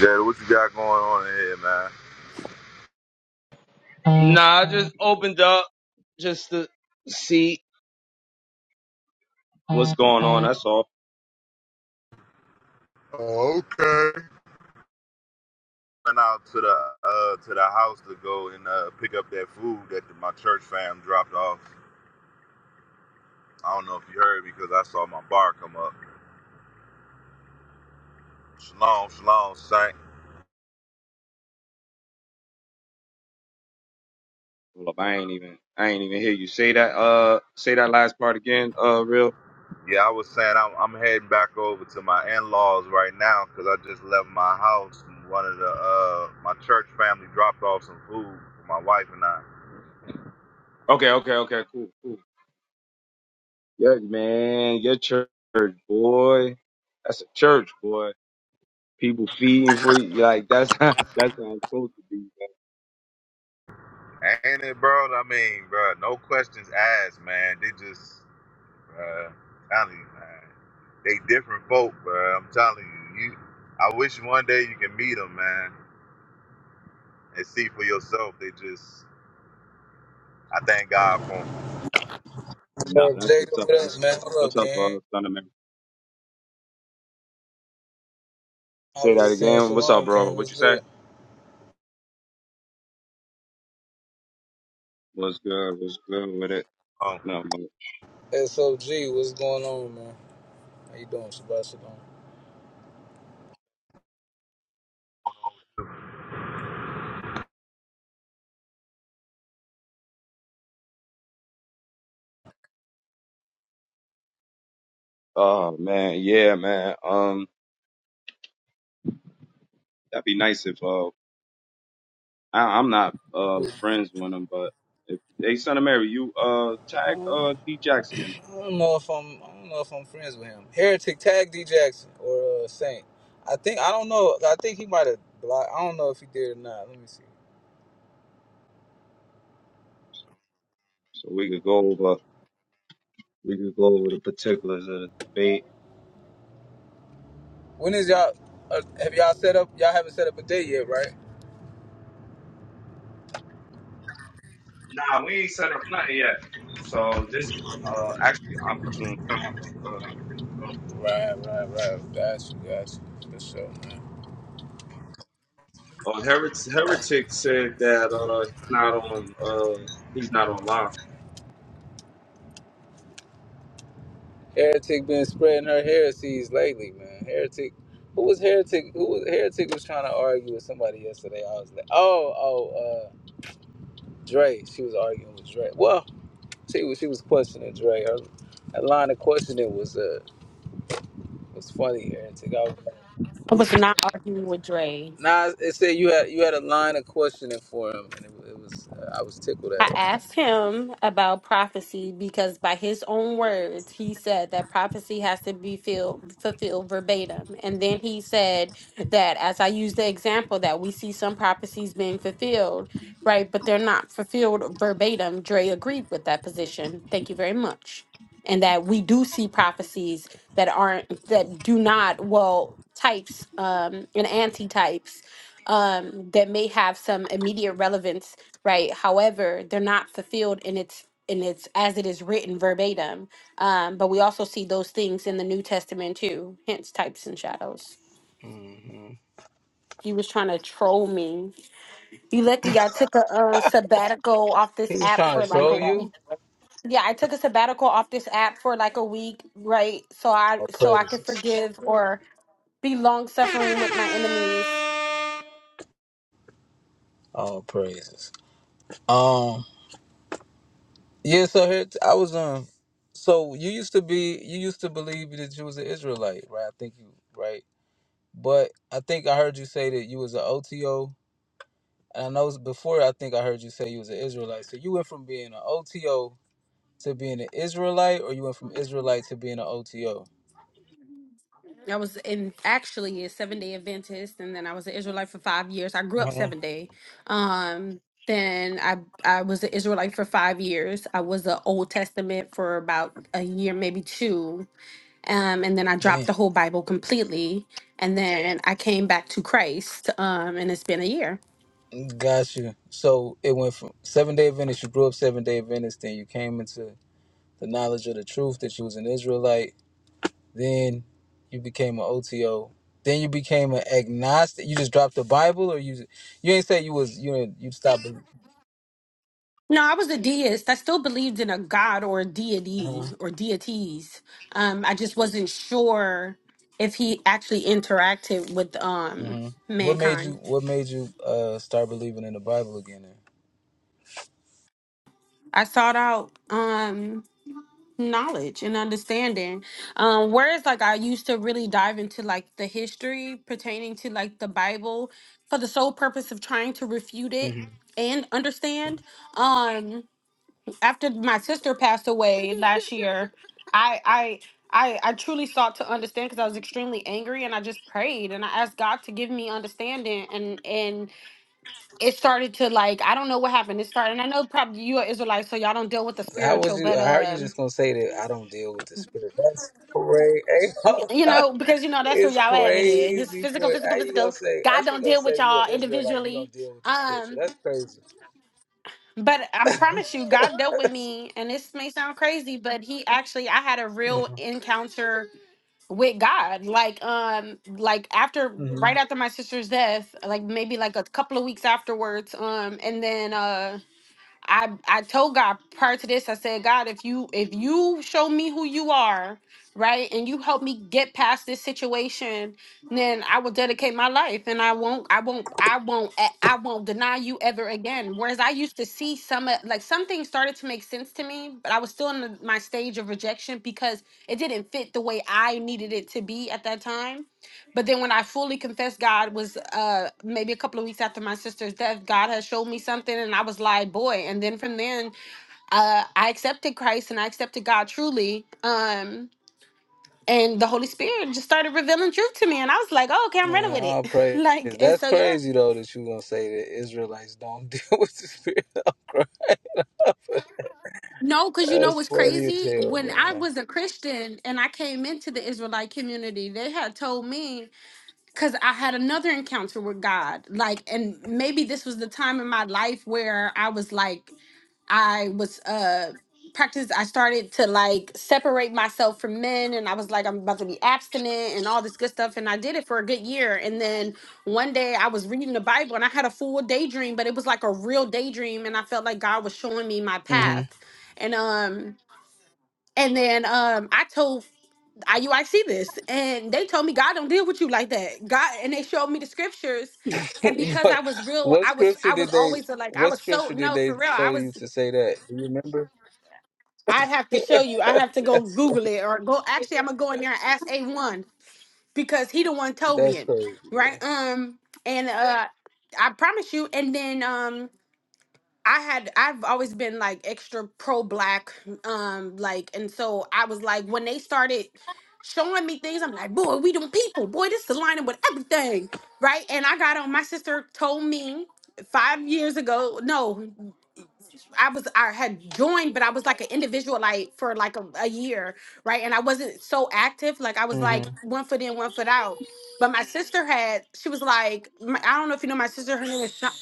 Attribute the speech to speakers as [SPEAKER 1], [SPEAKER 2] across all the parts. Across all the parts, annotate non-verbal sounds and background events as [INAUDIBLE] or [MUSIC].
[SPEAKER 1] Jada, what you got going on in here, man?
[SPEAKER 2] Nah, I just opened up just to see what's going on. That's all.
[SPEAKER 1] Oh, okay. Went out to the uh, to the house to go and uh, pick up that food that my church fam dropped off. I don't know if you heard because I saw my bar come up. Shalom, shalom, saint.
[SPEAKER 2] Hold up, I ain't even I ain't even hear you say that. Uh, say that last part again. Uh, real.
[SPEAKER 1] Yeah, I was saying I'm, I'm heading back over to my in-laws right now because I just left my house. And one of the uh, my church family dropped off some food for my wife and I.
[SPEAKER 2] Okay, okay, okay. Cool, cool. Yeah, man, your church, boy. That's a church, boy. People feeding for you. Like that's how [LAUGHS] that's how it's supposed to be.
[SPEAKER 1] Ain't it, bro? I mean, bro, no questions asked, man. They just, uh, telling you, man. They different folk, bro. I'm telling you. You, I wish one day you can meet them, man, and see for yourself. They just, I thank God for
[SPEAKER 3] What
[SPEAKER 2] Nah,
[SPEAKER 3] up,
[SPEAKER 2] that's what's
[SPEAKER 3] Jacob?
[SPEAKER 2] up.
[SPEAKER 3] What up,
[SPEAKER 2] That's
[SPEAKER 3] man?
[SPEAKER 2] what's up.
[SPEAKER 3] What
[SPEAKER 2] What's
[SPEAKER 3] up,
[SPEAKER 2] up,
[SPEAKER 3] King?
[SPEAKER 2] uh, Thunder
[SPEAKER 3] I
[SPEAKER 2] Say
[SPEAKER 3] was
[SPEAKER 2] that
[SPEAKER 3] just saying
[SPEAKER 2] again. What's up,
[SPEAKER 3] shalom,
[SPEAKER 2] bro?
[SPEAKER 3] King.
[SPEAKER 2] What
[SPEAKER 3] What's
[SPEAKER 2] you say?
[SPEAKER 3] good?
[SPEAKER 2] What's good? What's good with it?
[SPEAKER 1] them. Um,
[SPEAKER 2] No, but-
[SPEAKER 3] SOG, what's going on, man? How you doing, Shabbat Shalom?
[SPEAKER 2] oh man, yeah, man. Um. That'd be nice if uh I, I'm not uh
[SPEAKER 3] Who-
[SPEAKER 2] friends with them, but if hey son of Mary, you uh
[SPEAKER 3] I
[SPEAKER 2] tag
[SPEAKER 3] don't
[SPEAKER 2] uh D Jackson in
[SPEAKER 3] I don't know if I'm I don't know if I'm friends with him. Heretic Tag D Jackson or uh, Saint. I think I don't know. I think he might have blocked. I don't know if he did or not. Let me see.
[SPEAKER 2] so we could go over we could go over the particulars of the debate.
[SPEAKER 3] When is y'all? Uh, have y'all set up? Y'all haven't set up a date yet, right?
[SPEAKER 2] Nah, we ain't set up nothing yet. So this is uh actually an opportune time. Uh,
[SPEAKER 3] Right, right, right. Gotcha, gotcha. For sure.
[SPEAKER 2] uh Heretic, Heretic said that uh he's not on uh he's not online.
[SPEAKER 3] Heretic been spreading her heresies lately, man. Heretic. Who was Heretic? Who was Heretic was trying to argue with somebody yesterday. I was like, oh, oh, uh, Dre. She was arguing with Dre. Well, she was she was questioning Dre. Her, that line of questioning was uh was funny, Heretic. I was like,
[SPEAKER 4] I was not arguing with Dre.
[SPEAKER 3] nah, it said you had you had a line of questioning for him, and it, it was uh, I was tickled
[SPEAKER 4] I
[SPEAKER 3] at it.
[SPEAKER 4] asked him about prophecy because, by his own words, he said that prophecy has to be filled, fulfilled verbatim. And then he said that, as I use the example, that we see some prophecies being fulfilled, right? But they're not fulfilled verbatim. Dre agreed with that position. Thank you very much. And that we do see prophecies that aren't, that do not, well, types um, and anti types um, that may have some immediate relevance right however they're not fulfilled in its in its as it is written verbatim um but we also see those things in the new testament too hence types and shadows
[SPEAKER 3] hmm
[SPEAKER 4] he was trying to troll me you lucky i took a uh, sabbatical off this
[SPEAKER 3] He was
[SPEAKER 4] app
[SPEAKER 3] trying
[SPEAKER 4] for
[SPEAKER 3] to
[SPEAKER 4] like a
[SPEAKER 3] troll you.
[SPEAKER 4] week yeah i took a sabbatical off this app for like a week right so i
[SPEAKER 3] All
[SPEAKER 4] so i could
[SPEAKER 3] praises.
[SPEAKER 4] forgive or be long suffering with my enemies
[SPEAKER 3] All praises. Yeah, so here t- I was um so you used to be you used to believe that you was an Israelite, right? I think you right. But I think I heard you say that you was an OTO. And I know it's before I think I heard you say you was an Israelite. So you went from being an OTO to being an Israelite or you went from Israelite to being an OTO?
[SPEAKER 4] I was in actually a seven day Adventist, and then I was an Israelite for five years. I grew up
[SPEAKER 3] Uh-huh.
[SPEAKER 4] seven day. Um, then I I was an Israelite for five years. I was an Old Testament for about a year, maybe two, um, and then I dropped
[SPEAKER 3] Damn.
[SPEAKER 4] the whole Bible completely. And then I came back to Christ, um, and it's been a year.
[SPEAKER 3] Got you. So it went from seven day Adventist, you grew up seven day Adventist, then you came into the knowledge of the truth that you was an Israelite Then you became an OTO. Then you became an agnostic. You just dropped the Bible, or you you ain't say you was you know, you stopped.
[SPEAKER 4] No, I was a deist. I still believed in a god or a deity or deities. Um, I just wasn't sure if he actually interacted with um
[SPEAKER 3] Mm-hmm. What made you
[SPEAKER 4] mankind.
[SPEAKER 3] What made you uh start believing in the Bible again?
[SPEAKER 4] I sought out um knowledge and understanding. Um, whereas like I used to really dive into like the history pertaining to like the Bible for the sole purpose of trying to refute
[SPEAKER 3] Then?
[SPEAKER 4] it
[SPEAKER 3] hmm
[SPEAKER 4] and understand. Um after my sister passed away last year, I I I, I truly sought to understand because I was extremely angry and I just prayed and I asked God to give me understanding and and it started to like I don't know what happened. It started and I know probably you are Israelites, so y'all don't deal with the
[SPEAKER 3] How would
[SPEAKER 4] spiritual,
[SPEAKER 3] you?
[SPEAKER 4] but
[SPEAKER 3] How are you
[SPEAKER 4] um
[SPEAKER 3] just gonna say that I don't deal with the spirit? That's
[SPEAKER 4] you
[SPEAKER 3] crazy.
[SPEAKER 4] know, because you
[SPEAKER 3] [LAUGHS]
[SPEAKER 4] know that's where
[SPEAKER 3] it's
[SPEAKER 4] y'all at with it. Just
[SPEAKER 3] crazy.
[SPEAKER 4] physical,
[SPEAKER 3] For how
[SPEAKER 4] physical,
[SPEAKER 3] you gonna
[SPEAKER 4] physical.
[SPEAKER 3] say? How
[SPEAKER 4] God
[SPEAKER 3] you
[SPEAKER 4] don't
[SPEAKER 3] gonna
[SPEAKER 4] deal with
[SPEAKER 3] say you an
[SPEAKER 4] y'all
[SPEAKER 3] Israelite? You don't
[SPEAKER 4] individually.
[SPEAKER 3] deal with the spiritual.
[SPEAKER 4] Um
[SPEAKER 3] That's crazy.
[SPEAKER 4] but I
[SPEAKER 3] [LAUGHS]
[SPEAKER 4] promise you, God dealt with me, and this may sound crazy, but He actually, I had a real encounter with God. Like um like after
[SPEAKER 3] Mhm.
[SPEAKER 4] right after my sister's death, like maybe like a couple of weeks afterwards, um and then uh I I told God prior to this, I said, God, if you if you show me who you are, right, and you help me get past this situation, then I will dedicate my life and I won't I won't I won't a- I won't deny you ever again. Whereas I used to see some of- like some things started to make sense to me, but I was still in the, my stage of rejection because it didn't fit the way I needed it to be at that time. But then when I fully confessed, God was uh maybe a couple of weeks after my sister's death, God had showed me something and I was like, boy. And then from then, uh I accepted Christ and I accepted God truly. Um and the Holy Spirit just started revealing truth to me. And I was like, oh, okay, I'm running
[SPEAKER 3] Nah,
[SPEAKER 4] with
[SPEAKER 3] all
[SPEAKER 4] it. [LAUGHS]
[SPEAKER 3] praise.
[SPEAKER 4] like, and
[SPEAKER 3] That's
[SPEAKER 4] so yeah.
[SPEAKER 3] crazy though that you gonna say that Israelites don't [LAUGHS] deal with the spirit of Christ.
[SPEAKER 4] No, because you know
[SPEAKER 3] That's
[SPEAKER 4] what's
[SPEAKER 3] funny as
[SPEAKER 4] crazy?
[SPEAKER 3] hell,
[SPEAKER 4] When I
[SPEAKER 3] man.
[SPEAKER 4] was a Christian and I came into the Israelite community, they had told me because I had another encounter with God. Like, and maybe this was the time in my life where I was like I was uh practice I started to like separate myself from men and I was like I'm about to be abstinent and all this good stuff and I did it for a good year and then one day I was reading the Bible and I had a full daydream but it was like a real daydream and I felt like God was showing me my path and um and then um I told IUIC this and they told me God don't deal with you like that God and they showed me the scriptures and
[SPEAKER 3] [LAUGHS]
[SPEAKER 4] because
[SPEAKER 3] what,
[SPEAKER 4] I was real,
[SPEAKER 3] what
[SPEAKER 4] I was
[SPEAKER 3] scripture
[SPEAKER 4] I
[SPEAKER 3] did
[SPEAKER 4] was
[SPEAKER 3] they?
[SPEAKER 4] always a, like I
[SPEAKER 3] What
[SPEAKER 4] was so
[SPEAKER 3] scripture did
[SPEAKER 4] no for
[SPEAKER 3] they
[SPEAKER 4] real. I
[SPEAKER 3] show you
[SPEAKER 4] was
[SPEAKER 3] to say that? Do you remember?
[SPEAKER 4] I'd have
[SPEAKER 3] [LAUGHS]
[SPEAKER 4] to show you. I have to go
[SPEAKER 3] that's,
[SPEAKER 4] Google it or go. Actually, I'm gonna go in there and ask A one because he the one told me
[SPEAKER 3] that's
[SPEAKER 4] it,
[SPEAKER 3] crazy,
[SPEAKER 4] right?
[SPEAKER 3] man.
[SPEAKER 4] Um, and uh, I promise you. And then um, I had I've always been like extra pro black, um, like, and so I was like when they started showing me things, I'm like, boy, we them people, boy, this is aligning with everything, right? And I got on. My sister told me five years ago. No. I was I had joined, but I was like an individual like for like a, a year, right? And I wasn't so active. Like I was like
[SPEAKER 3] Mhm.
[SPEAKER 4] one foot in, one foot out. But my sister had, she was like, my, I don't know if you know my sister. Her name is Shonda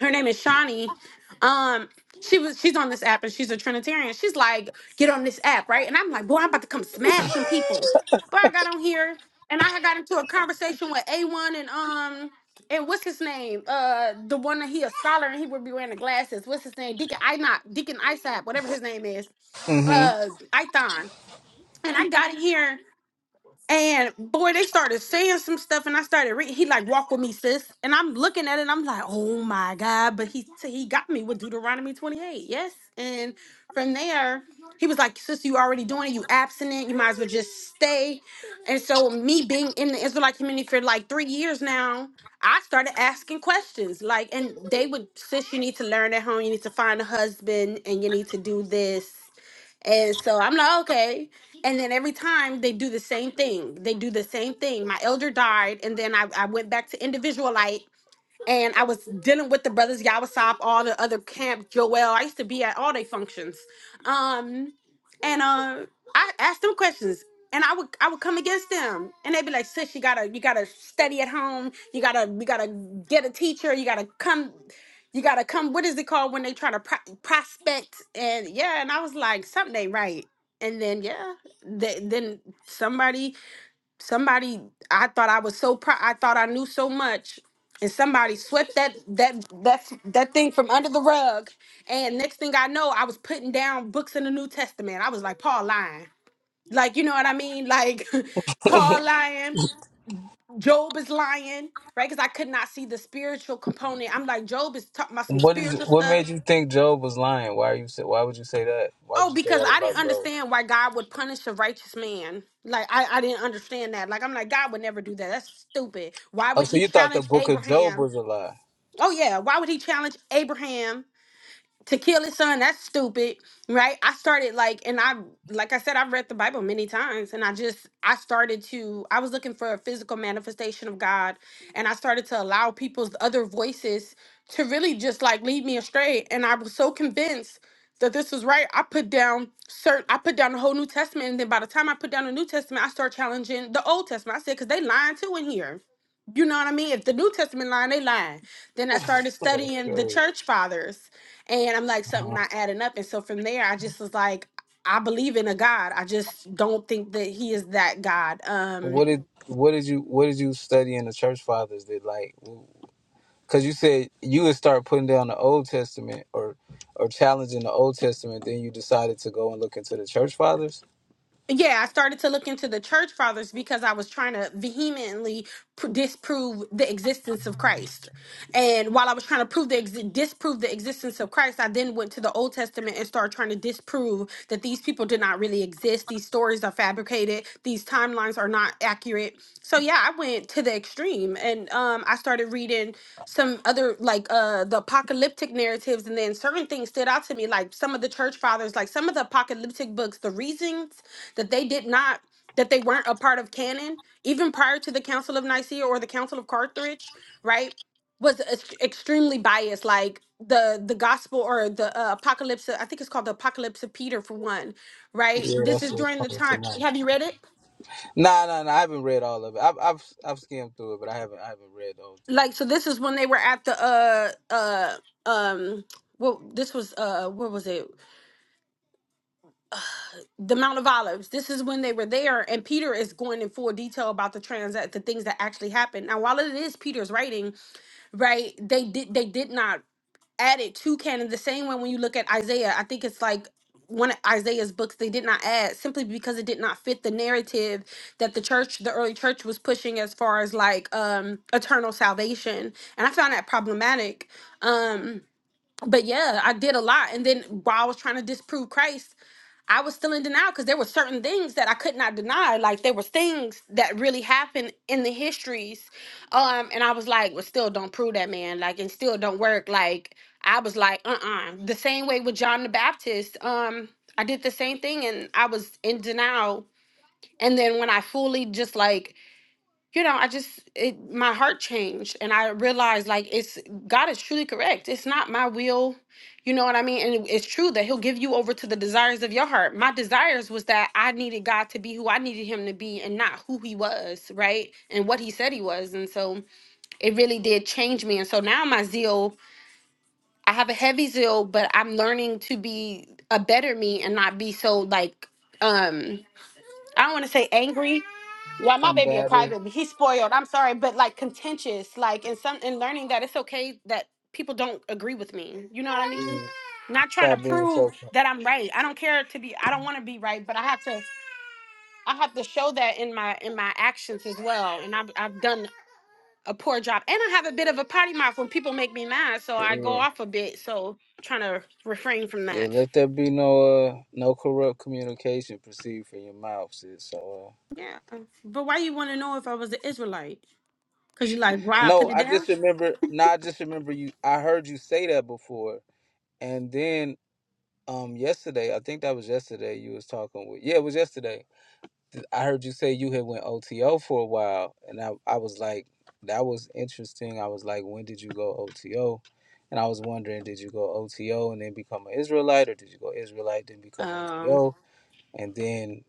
[SPEAKER 4] her name is Shawnee. Um, she was she's on this app and she's a Trinitarian. She's like, get on this app, right? And I'm like, boy, I'm about to come smash some people. But I got on here and I had got into a conversation with A1 and um and what's his name? Uh the one that he a scholar and he would be wearing the glasses. What's his name? Deacon I not Deacon Isaac, whatever his name is.
[SPEAKER 3] Mhm.
[SPEAKER 4] Uh Ithon. And I got in here and boy, they started saying some stuff, and I started reading. He like, "Walk with me, sis," and I'm looking at it. and I'm like, "Oh my god!" But he he got me with Deuteronomy 28, yes. And from there, he was like, "Sis, you already doing it. You abstinent. You might as well just stay." And so, me being in the Israelite community for like three years now, I started asking questions. Like, and they would, "Sis, you need to learn at home. You need to find a husband, and you need to do this." And so I'm like, okay. And then every time they do the same thing. They do the same thing. My elder died, and then I, I went back to individual light and I was dealing with the brothers Yawasop, all the other camp Joel. I used to be at all their functions, um, and uh, I asked them questions, and I would I would come against them, and they'd be like, "Sis, you gotta you gotta study at home. You gotta you gotta get a teacher. You gotta come." You gotta come. What is it called when they try to pro- prospect? And yeah, and I was like, something ain't right. And then yeah, th- then somebody somebody i thought i was so proud i thought i knew so much and somebody swept that that that that thing from under the rug and next thing i know i was putting down books in the new testament i was like paul lying like you know what i mean like [LAUGHS] paul lying job is lying right because i could not see the spiritual component i'm like job is talking about some
[SPEAKER 3] What is?
[SPEAKER 4] spiritual
[SPEAKER 3] What
[SPEAKER 4] stuff
[SPEAKER 3] made you think Job was lying? Why are you? say- Why would you say that? Why
[SPEAKER 4] Oh,
[SPEAKER 3] would you say
[SPEAKER 4] because
[SPEAKER 3] that
[SPEAKER 4] I
[SPEAKER 3] about
[SPEAKER 4] didn't
[SPEAKER 3] Job?
[SPEAKER 4] understand why God would punish a righteous man. Like I, I didn't understand that. Like I'm like, God would never do that. That's stupid. Why
[SPEAKER 3] Oh,
[SPEAKER 4] would
[SPEAKER 3] so
[SPEAKER 4] he
[SPEAKER 3] you thought the
[SPEAKER 4] challenge
[SPEAKER 3] Book of Job
[SPEAKER 4] Abraham?
[SPEAKER 3] was a lie?
[SPEAKER 4] Oh yeah, why would he challenge Abraham to kill his son that's stupid right i started like and i like i said i've read the bible many times and i just i started to i was looking for a physical manifestation of god and i started to allow people's other voices to really just like lead me astray and i was so convinced that this was right i put down certain i put down the whole new testament and then by the time i put down the new testament i start challenging the old testament i said because they lying too in here you know what i mean if the new testament lying they lying then i started
[SPEAKER 3] [LAUGHS] That's
[SPEAKER 4] studying the
[SPEAKER 3] crazy.
[SPEAKER 4] church fathers and I'm like, something not adding up. And so from there, I just was like, I believe in a God. I just don't think that he is that God. Um,
[SPEAKER 3] What did what did you what did you study in the church fathers that like because you said you would start putting down the Old Testament or or challenging the Old Testament, then you decided to go and look into the church fathers.
[SPEAKER 4] yeah, I started to look into the church fathers because I was trying to vehemently pr- disprove the existence of Christ. And while I was trying to prove the exi- disprove the existence of Christ, I then went to the Old Testament and started trying to disprove that these people did not really exist. These stories are fabricated. These timelines are not accurate. So yeah, I went to the extreme, and um, I started reading some other like uh the apocalyptic narratives, and then certain things stood out to me, like some of the church fathers, like some of the apocalyptic books. The reasons that they did not that they weren't a part of canon, even prior to the Council of Nicaea or the Council of Carthage, right? was ex- extremely biased like the the gospel or the uh, apocalypse i think it's called the apocalypse of peter for one right
[SPEAKER 3] Yeah,
[SPEAKER 4] this
[SPEAKER 3] that's
[SPEAKER 4] is
[SPEAKER 3] what's
[SPEAKER 4] during the
[SPEAKER 3] coming to
[SPEAKER 4] time
[SPEAKER 3] mind.
[SPEAKER 4] have you read it
[SPEAKER 3] Nah, nah, nah. I haven't read all of it. I've I've I've skimmed through it, but I haven't I haven't read the whole thing.
[SPEAKER 4] like so this is when they were at the uh uh um well this was uh what was it the mount of olives this is when they were there and peter is going in full detail about the trans the things that actually happened now while it is peter's writing right they did they did not added to canon the same way when you look at Isaiah. I think it's like one of Isaiah's books they did not add simply because it did not fit the narrative that the church, the early church was pushing as far as like um eternal salvation. And I found that problematic. Um but yeah, I did a lot. And then while I was trying to disprove Christ, I was still in denial because there were certain things that I could not deny. Like there was things that really happened in the histories, um, and I was like, "Well, still don't prove that, man. Like, and still don't work." Like I was like, "Uh, uh The same way with John the Baptist, um, I did the same thing, and I was in denial. And then when I fully just like you know, I just it my heart changed and I realized like it's God is truly correct. It's not my will, you know what I mean? And it- it's true that he'll give you over to the desires of your heart. My desires was that I needed God to be who I needed him to be and not who he was, right? And what he said he was. And so it really did change me. And so now my zeal, I have a heavy zeal, but I'm learning to be a better me and not be so like um I don't want to say angry yeah, my baby a
[SPEAKER 3] Combative.
[SPEAKER 4] crybaby. He's spoiled. I'm sorry, but like contentious, like in some in learning that it's okay that people don't agree with me. You know what I mean?
[SPEAKER 3] Yeah.
[SPEAKER 4] Not trying
[SPEAKER 3] Stop
[SPEAKER 4] to
[SPEAKER 3] being
[SPEAKER 4] prove
[SPEAKER 3] so.
[SPEAKER 4] that I'm right. I don't care to be. I don't want to be right, but I have to. I have to show that in my in my actions as well. And I've I've done a poor job, and I have a bit of a potty mouth when people make me mad, so I go
[SPEAKER 3] Yeah.
[SPEAKER 4] off a bit. So trying to refrain from
[SPEAKER 3] Yeah,
[SPEAKER 4] that.
[SPEAKER 3] let there be no uh, no corrupt communication proceed from your mouth, sis. So uh,
[SPEAKER 4] Yeah, but why you want to know if I was an Israelite? Cause you like why I
[SPEAKER 3] No,
[SPEAKER 4] put it
[SPEAKER 3] I just remember. No, I just remember you. I heard you say that before, and then um yesterday, I think that was yesterday. You was talking with. Yeah, it was yesterday. I heard you say you had went OTO for a while, and I I was like, that was interesting. I was like, when did you go OTO? And I was wondering, did you go OTO and then become an Israelite, or did you go Israelite then become
[SPEAKER 4] down?
[SPEAKER 3] OTO, and then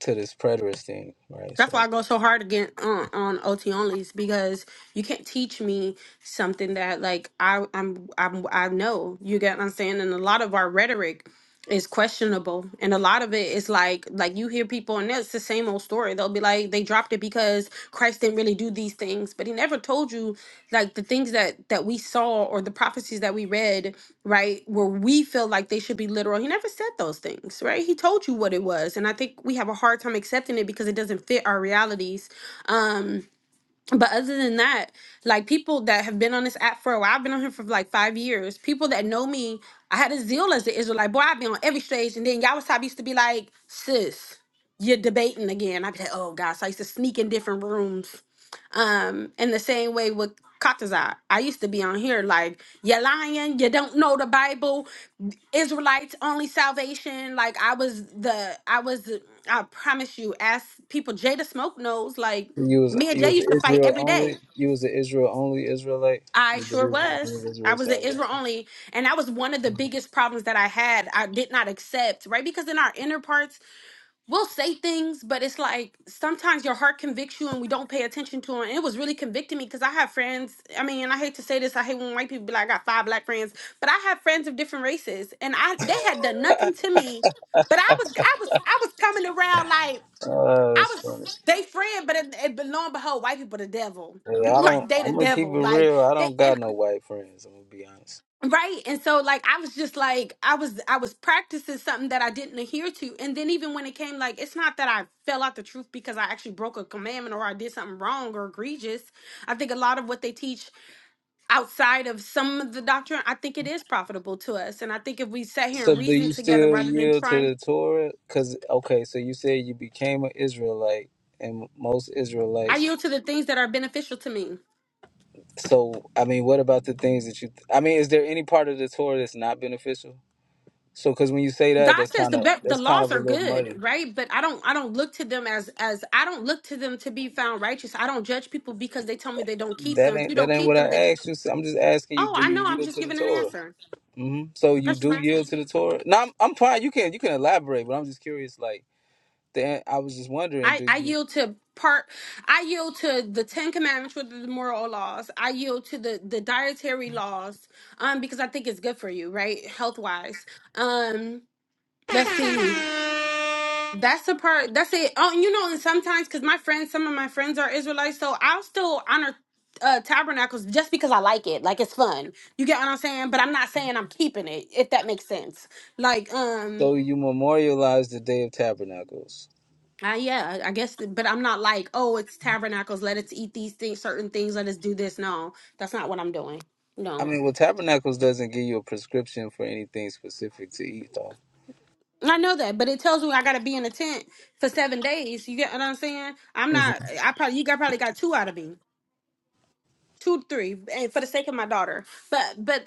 [SPEAKER 3] to this preterist thing, right?
[SPEAKER 4] That's
[SPEAKER 3] So.
[SPEAKER 4] why I go so hard again on, on OT onlys because you can't teach me something that like I I'm, I'm I know you get what I'm saying and a lot of our rhetoric is questionable and a lot of it is like like you hear people and it's the same old story they'll be like they dropped it because Christ didn't really do these things but he never told you like the things that that we saw or the prophecies that we read right where we feel like they should be literal he never said those things right he told you what it was and i think we have a hard time accepting it because it doesn't fit our realities um but other than that, like people that have been on this app for a while, I've been on here for like five years. People that know me, I had a zeal as an Israelite. Boy, I've been on every stage. And then y'all was top used to be like, sis, you're debating again. I'd be like, oh gosh, So I used to sneak in different rooms. Um, in the same way with Katazai. I used to be on here like, you're lying, you don't know the Bible. Israelites only salvation. Like I was the I was the- I promise you, ask people Jada Smoke knows, like
[SPEAKER 3] You was
[SPEAKER 4] me and
[SPEAKER 3] you
[SPEAKER 4] Jay
[SPEAKER 3] was
[SPEAKER 4] used to fight
[SPEAKER 3] Israel
[SPEAKER 4] every
[SPEAKER 3] only.
[SPEAKER 4] day.
[SPEAKER 3] You was an Israel only Israelite.
[SPEAKER 4] I
[SPEAKER 3] You
[SPEAKER 4] sure
[SPEAKER 3] believe in
[SPEAKER 4] was.
[SPEAKER 3] only
[SPEAKER 4] I
[SPEAKER 3] Israel
[SPEAKER 4] was an Israel
[SPEAKER 3] salvation.
[SPEAKER 4] only, and that was one of the biggest problems that I had. I did not accept, right? Because in our inner parts we'll say things, but it's like sometimes your heart convicts you and we don't pay attention to it. And it was really convicting me because I have friends. I mean, and I hate to say this, I hate when white people be like, I got five black friends, but I have friends of different races and I they had done nothing to me. But I was I was I was coming around like
[SPEAKER 3] Oh,
[SPEAKER 4] I
[SPEAKER 3] that's
[SPEAKER 4] was
[SPEAKER 3] funny.
[SPEAKER 4] they friend, but it, it, but lo and behold, white people the devil. [LAUGHS]
[SPEAKER 3] Yeah,
[SPEAKER 4] You
[SPEAKER 3] I
[SPEAKER 4] right,
[SPEAKER 3] don't.
[SPEAKER 4] They the
[SPEAKER 3] I'm gonna keep it
[SPEAKER 4] devil. Like
[SPEAKER 3] real. I
[SPEAKER 4] they
[SPEAKER 3] don't
[SPEAKER 4] and
[SPEAKER 3] got no white friends. I'm gonna be honest.
[SPEAKER 4] Right. And so like I was just like I was I was practicing something that I didn't adhere to. And then even when it came like it's not that I fell out the truth because I actually broke a commandment or I did something wrong or egregious. I think a lot of what they teach outside of some of the doctrine, I think it is profitable to us. And I think if we sat here
[SPEAKER 3] So,
[SPEAKER 4] and
[SPEAKER 3] do you
[SPEAKER 4] reasoned together
[SPEAKER 3] still
[SPEAKER 4] rather than
[SPEAKER 3] yield to
[SPEAKER 4] trying
[SPEAKER 3] the Torah? Cause okay, so you said you became an Israelite, and most
[SPEAKER 4] I
[SPEAKER 3] Israelites.
[SPEAKER 4] yield to the things that are beneficial to me.
[SPEAKER 3] So, I mean, what about the things that you? I mean, is there any part of the Torah that's not beneficial? So, cause when you say that,
[SPEAKER 4] God
[SPEAKER 3] that's
[SPEAKER 4] says
[SPEAKER 3] kind
[SPEAKER 4] the
[SPEAKER 3] of
[SPEAKER 4] be- the
[SPEAKER 3] that's kind
[SPEAKER 4] laws
[SPEAKER 3] of a
[SPEAKER 4] are
[SPEAKER 3] little
[SPEAKER 4] good,
[SPEAKER 3] muddy.
[SPEAKER 4] right? But I don't I don't look to them as as I don't look to them to be found righteous. I don't judge people because they tell me they don't keep
[SPEAKER 3] That
[SPEAKER 4] them. If
[SPEAKER 3] ain't
[SPEAKER 4] you
[SPEAKER 3] that
[SPEAKER 4] don't
[SPEAKER 3] ain't
[SPEAKER 4] keep
[SPEAKER 3] what
[SPEAKER 4] them, then
[SPEAKER 3] I asked you. I'm just asking you,
[SPEAKER 4] oh,
[SPEAKER 3] do
[SPEAKER 4] I know.
[SPEAKER 3] you
[SPEAKER 4] I'm
[SPEAKER 3] yield
[SPEAKER 4] just
[SPEAKER 3] to the
[SPEAKER 4] giving an
[SPEAKER 3] Torah?
[SPEAKER 4] answer.
[SPEAKER 3] hmm So you
[SPEAKER 4] That's just my
[SPEAKER 3] do
[SPEAKER 4] answer.
[SPEAKER 3] yield to the Torah? No, I'm, I'm fine. You can you can elaborate, but I'm just curious. Like, the, I was just wondering,
[SPEAKER 4] I
[SPEAKER 3] do
[SPEAKER 4] I
[SPEAKER 3] you
[SPEAKER 4] yield to part. I yield to the Ten Commandments, which the moral laws. I yield to the the dietary laws, um, because I think it's good for you, right, health wise. Um, let's see. That's the part. That's it. Oh, and you know, and sometimes because my friends, some of my friends are Israelites, so I'll still honor uh, tabernacles just because I like it. Like it's fun. You get what I'm saying? But I'm not saying I'm keeping it. If that makes sense. Like, um,
[SPEAKER 3] so you memorialize the Day of Tabernacles?
[SPEAKER 4] I, yeah, I guess. But I'm not like, oh, it's tabernacles. Let us eat these things, certain things. Let us do this. No, that's not what I'm doing.
[SPEAKER 3] I
[SPEAKER 4] No.
[SPEAKER 3] mean, well, Tabernacles doesn't give you a prescription for anything specific to eat, though.
[SPEAKER 4] I know that, but it tells me I gotta be in a tent for seven days. You get what I'm saying? I'm
[SPEAKER 3] hmm
[SPEAKER 4] not. I probably you got probably got two out of me. two to three eh, for the sake of my daughter but but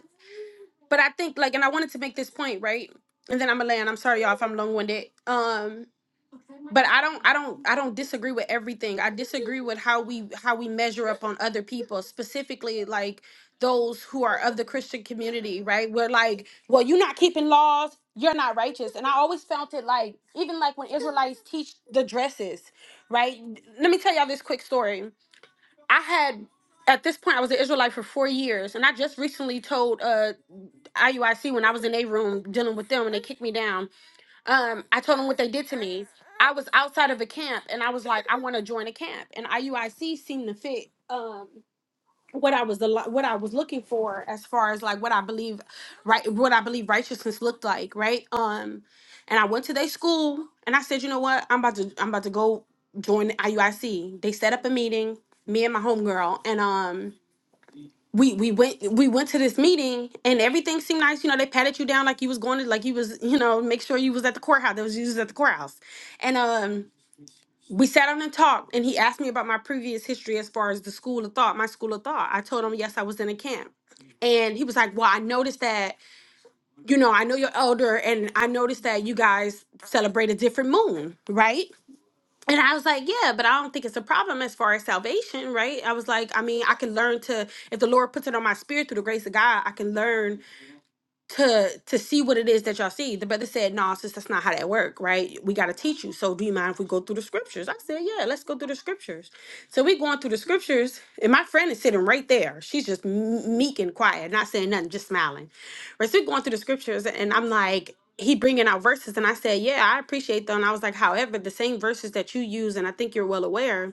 [SPEAKER 4] but i think like and i wanted to make this point right and then i'm gonna land i'm sorry y'all if i'm long-winded um but i don't i don't i don't disagree with everything i disagree with how we how we measure up on other people specifically like those who are of the christian community right we're like well you're not keeping laws you're not righteous and i always felt it like even like when israelites teach the dresses right let me tell y'all this quick story I had at this point I was an Israelite for four years, and I just recently told uh IUIC when I was in a room dealing with them and they kicked me down. Um, I told them what they did to me. I was outside of a camp and I was like, I want to join a camp, and IUIC seemed to fit. Um, what I was the what I was looking for as far as like what I believe right what I believe righteousness looked like, right? Um and I went to their school and I said, "You know what? I'm about to I'm about to go join the IUIC." They set up a meeting, me and my homegirl, and um we we went we went to this meeting and everything seemed nice. You know, they patted you down like you was going to like you was, you know, make sure you was at the courthouse. That was you was at the courthouse. And um we sat down and talked and he asked me about my previous history as far as the school of thought my school of thought i told him yes i was in a camp and he was like well i noticed that you know i know you're elder and i noticed that you guys celebrate a different moon right and i was like yeah but i don't think it's a problem as far as salvation right i was like i mean i can learn to if the lord puts it on my spirit through the grace of god i can learn to to see what it is that y'all see. The brother said, No, sis, that's not how that work, right? We gotta teach you. So do you mind if we go through the scriptures? I said, Yeah, let's go through the scriptures. So we going through the scriptures, and my friend is sitting right there. She's just m- meek and quiet, not saying nothing, just smiling. Right. So we going through the scriptures, and I'm like, he bringing out verses, and I said, Yeah, I appreciate them. I was like, however, the same verses that you use, and I think you're well aware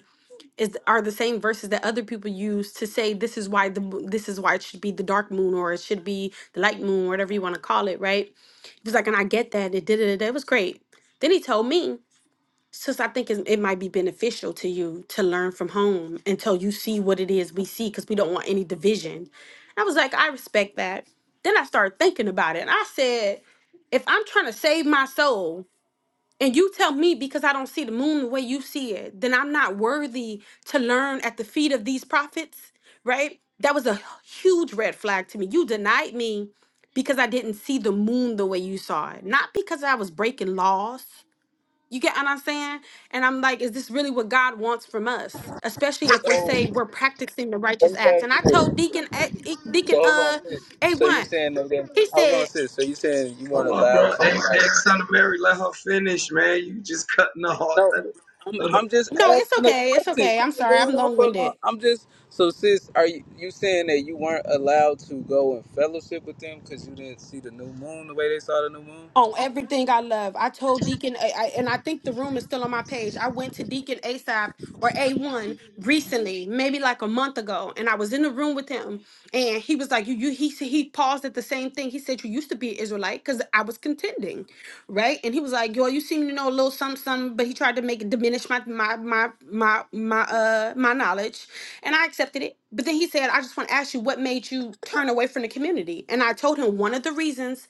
[SPEAKER 4] is are the same verses that other people use to say this is why the mo- this is why it should be the dark moon or it should be the light moon whatever you want to call it right he was like and i get that it did it it was great then he told me since i think it's- it might be beneficial to you to learn from home until you see what it is we see because we don't want any division i was like i respect that then i started thinking about it and i said if i'm trying to save my soul and you tell me because I don't see the moon the way you see it, then I'm not worthy to learn at the feet of these prophets, right? That was a huge red flag to me. You denied me because I didn't see the moon the way you saw it, not because I was breaking laws. You get what I'm saying? And I'm like, is this really what God wants from us? Especially if we're
[SPEAKER 3] So
[SPEAKER 4] saying we're practicing the
[SPEAKER 3] let
[SPEAKER 4] righteous
[SPEAKER 3] me
[SPEAKER 4] acts.
[SPEAKER 3] ask
[SPEAKER 4] And
[SPEAKER 3] you
[SPEAKER 4] I
[SPEAKER 3] this.
[SPEAKER 4] told Deacon A-
[SPEAKER 3] So
[SPEAKER 4] Deacon
[SPEAKER 3] hold on,
[SPEAKER 4] uh
[SPEAKER 3] sis. So you
[SPEAKER 4] A1,
[SPEAKER 3] saying no? Then
[SPEAKER 4] he
[SPEAKER 3] hold on,
[SPEAKER 4] said,
[SPEAKER 3] sis. So you saying you weren't
[SPEAKER 2] Hold on,
[SPEAKER 3] allowed
[SPEAKER 2] bro.
[SPEAKER 3] to
[SPEAKER 2] Hey,
[SPEAKER 3] like?
[SPEAKER 2] hey, son of Mary, let her finish, man. You just cutting the heart.
[SPEAKER 3] No,
[SPEAKER 2] Let her-
[SPEAKER 3] I'm
[SPEAKER 2] let her-
[SPEAKER 3] I'm just
[SPEAKER 4] no, it's
[SPEAKER 3] asking a
[SPEAKER 4] okay, it's
[SPEAKER 3] question.
[SPEAKER 4] okay.
[SPEAKER 3] She's
[SPEAKER 4] I'm
[SPEAKER 3] been
[SPEAKER 4] sorry, I'm
[SPEAKER 3] going on
[SPEAKER 4] long
[SPEAKER 3] for a long.
[SPEAKER 4] winded.
[SPEAKER 3] I'm just so sis. Are you you saying that you weren't allowed to go and fellowship with them because you didn't see the new moon the way they saw the new moon?
[SPEAKER 4] on everything I love. I told Deacon, I, I, and I think the room is still on my page. I went to Deacon ASAP or A1 recently, maybe like a month ago, and I was in the room with him, and he was like, "You, you." He s- he paused at the same thing. He said, "You used to be an Israelite," because I was contending, right? And he was like, "Yo, you seem to know a little something, something," but he tried to make it diminish my my my my my uh my knowledge, and I accepted it. But then he said, "I just want to ask you, what made you turn away from the community?" And I told him one of the reasons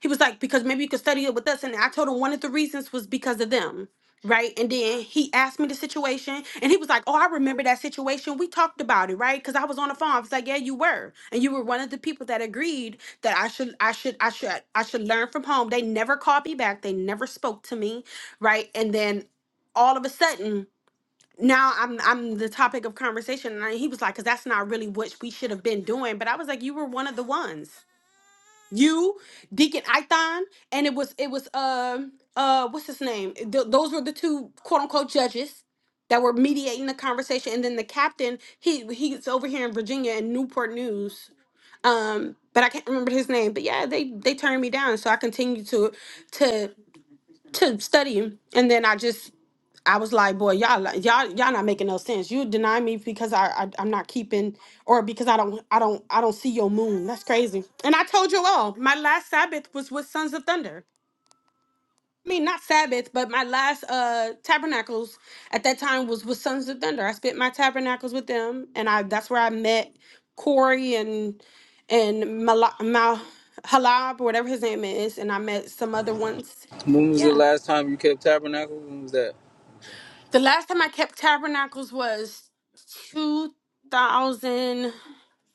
[SPEAKER 4] he was like, because maybe you could study it with us. And I told him one of the reasons was because of them. Right. And then he asked me the situation and he was like, Oh, I remember that situation. We talked about it, right? Because I was on the phone. I was like, Yeah, you were. And you were one of the people that agreed that I should, I should, I should, I should learn from home. They never called me back. They never spoke to me. Right. And then all of a sudden, now I'm I'm the topic of conversation. And I- he was like, because that's not really what we should have been doing. But I was like, you were one of the ones you, Deacon Ithon, and it was it was um uh what's his name? Th- those were the two quote unquote judges that were mediating the conversation, and then the captain he he's over here in Virginia in Newport News. Um, but I can't remember his name. But yeah, they they turned me down, so I continued to to to studying, and then I just I was like, boy, y'all like, y'all y'all not making no sense. You deny me because I, I I'm not keeping or because I don't I don't I don't see your moon. That's crazy. And I told you all, my last Sabbath was with Sons of Thunder. I mean, not Sabbath, but my last uh tabernacles at that time was with Sons of Thunder. I spent my tabernacles with them, and I that's where I met Corey and and Mal, Mal Halab or whatever his name is, and I met some other ones.
[SPEAKER 3] When was the
[SPEAKER 4] Yeah.
[SPEAKER 3] last time you kept tabernacle? When was that?
[SPEAKER 4] The last time I kept tabernacles was 2000,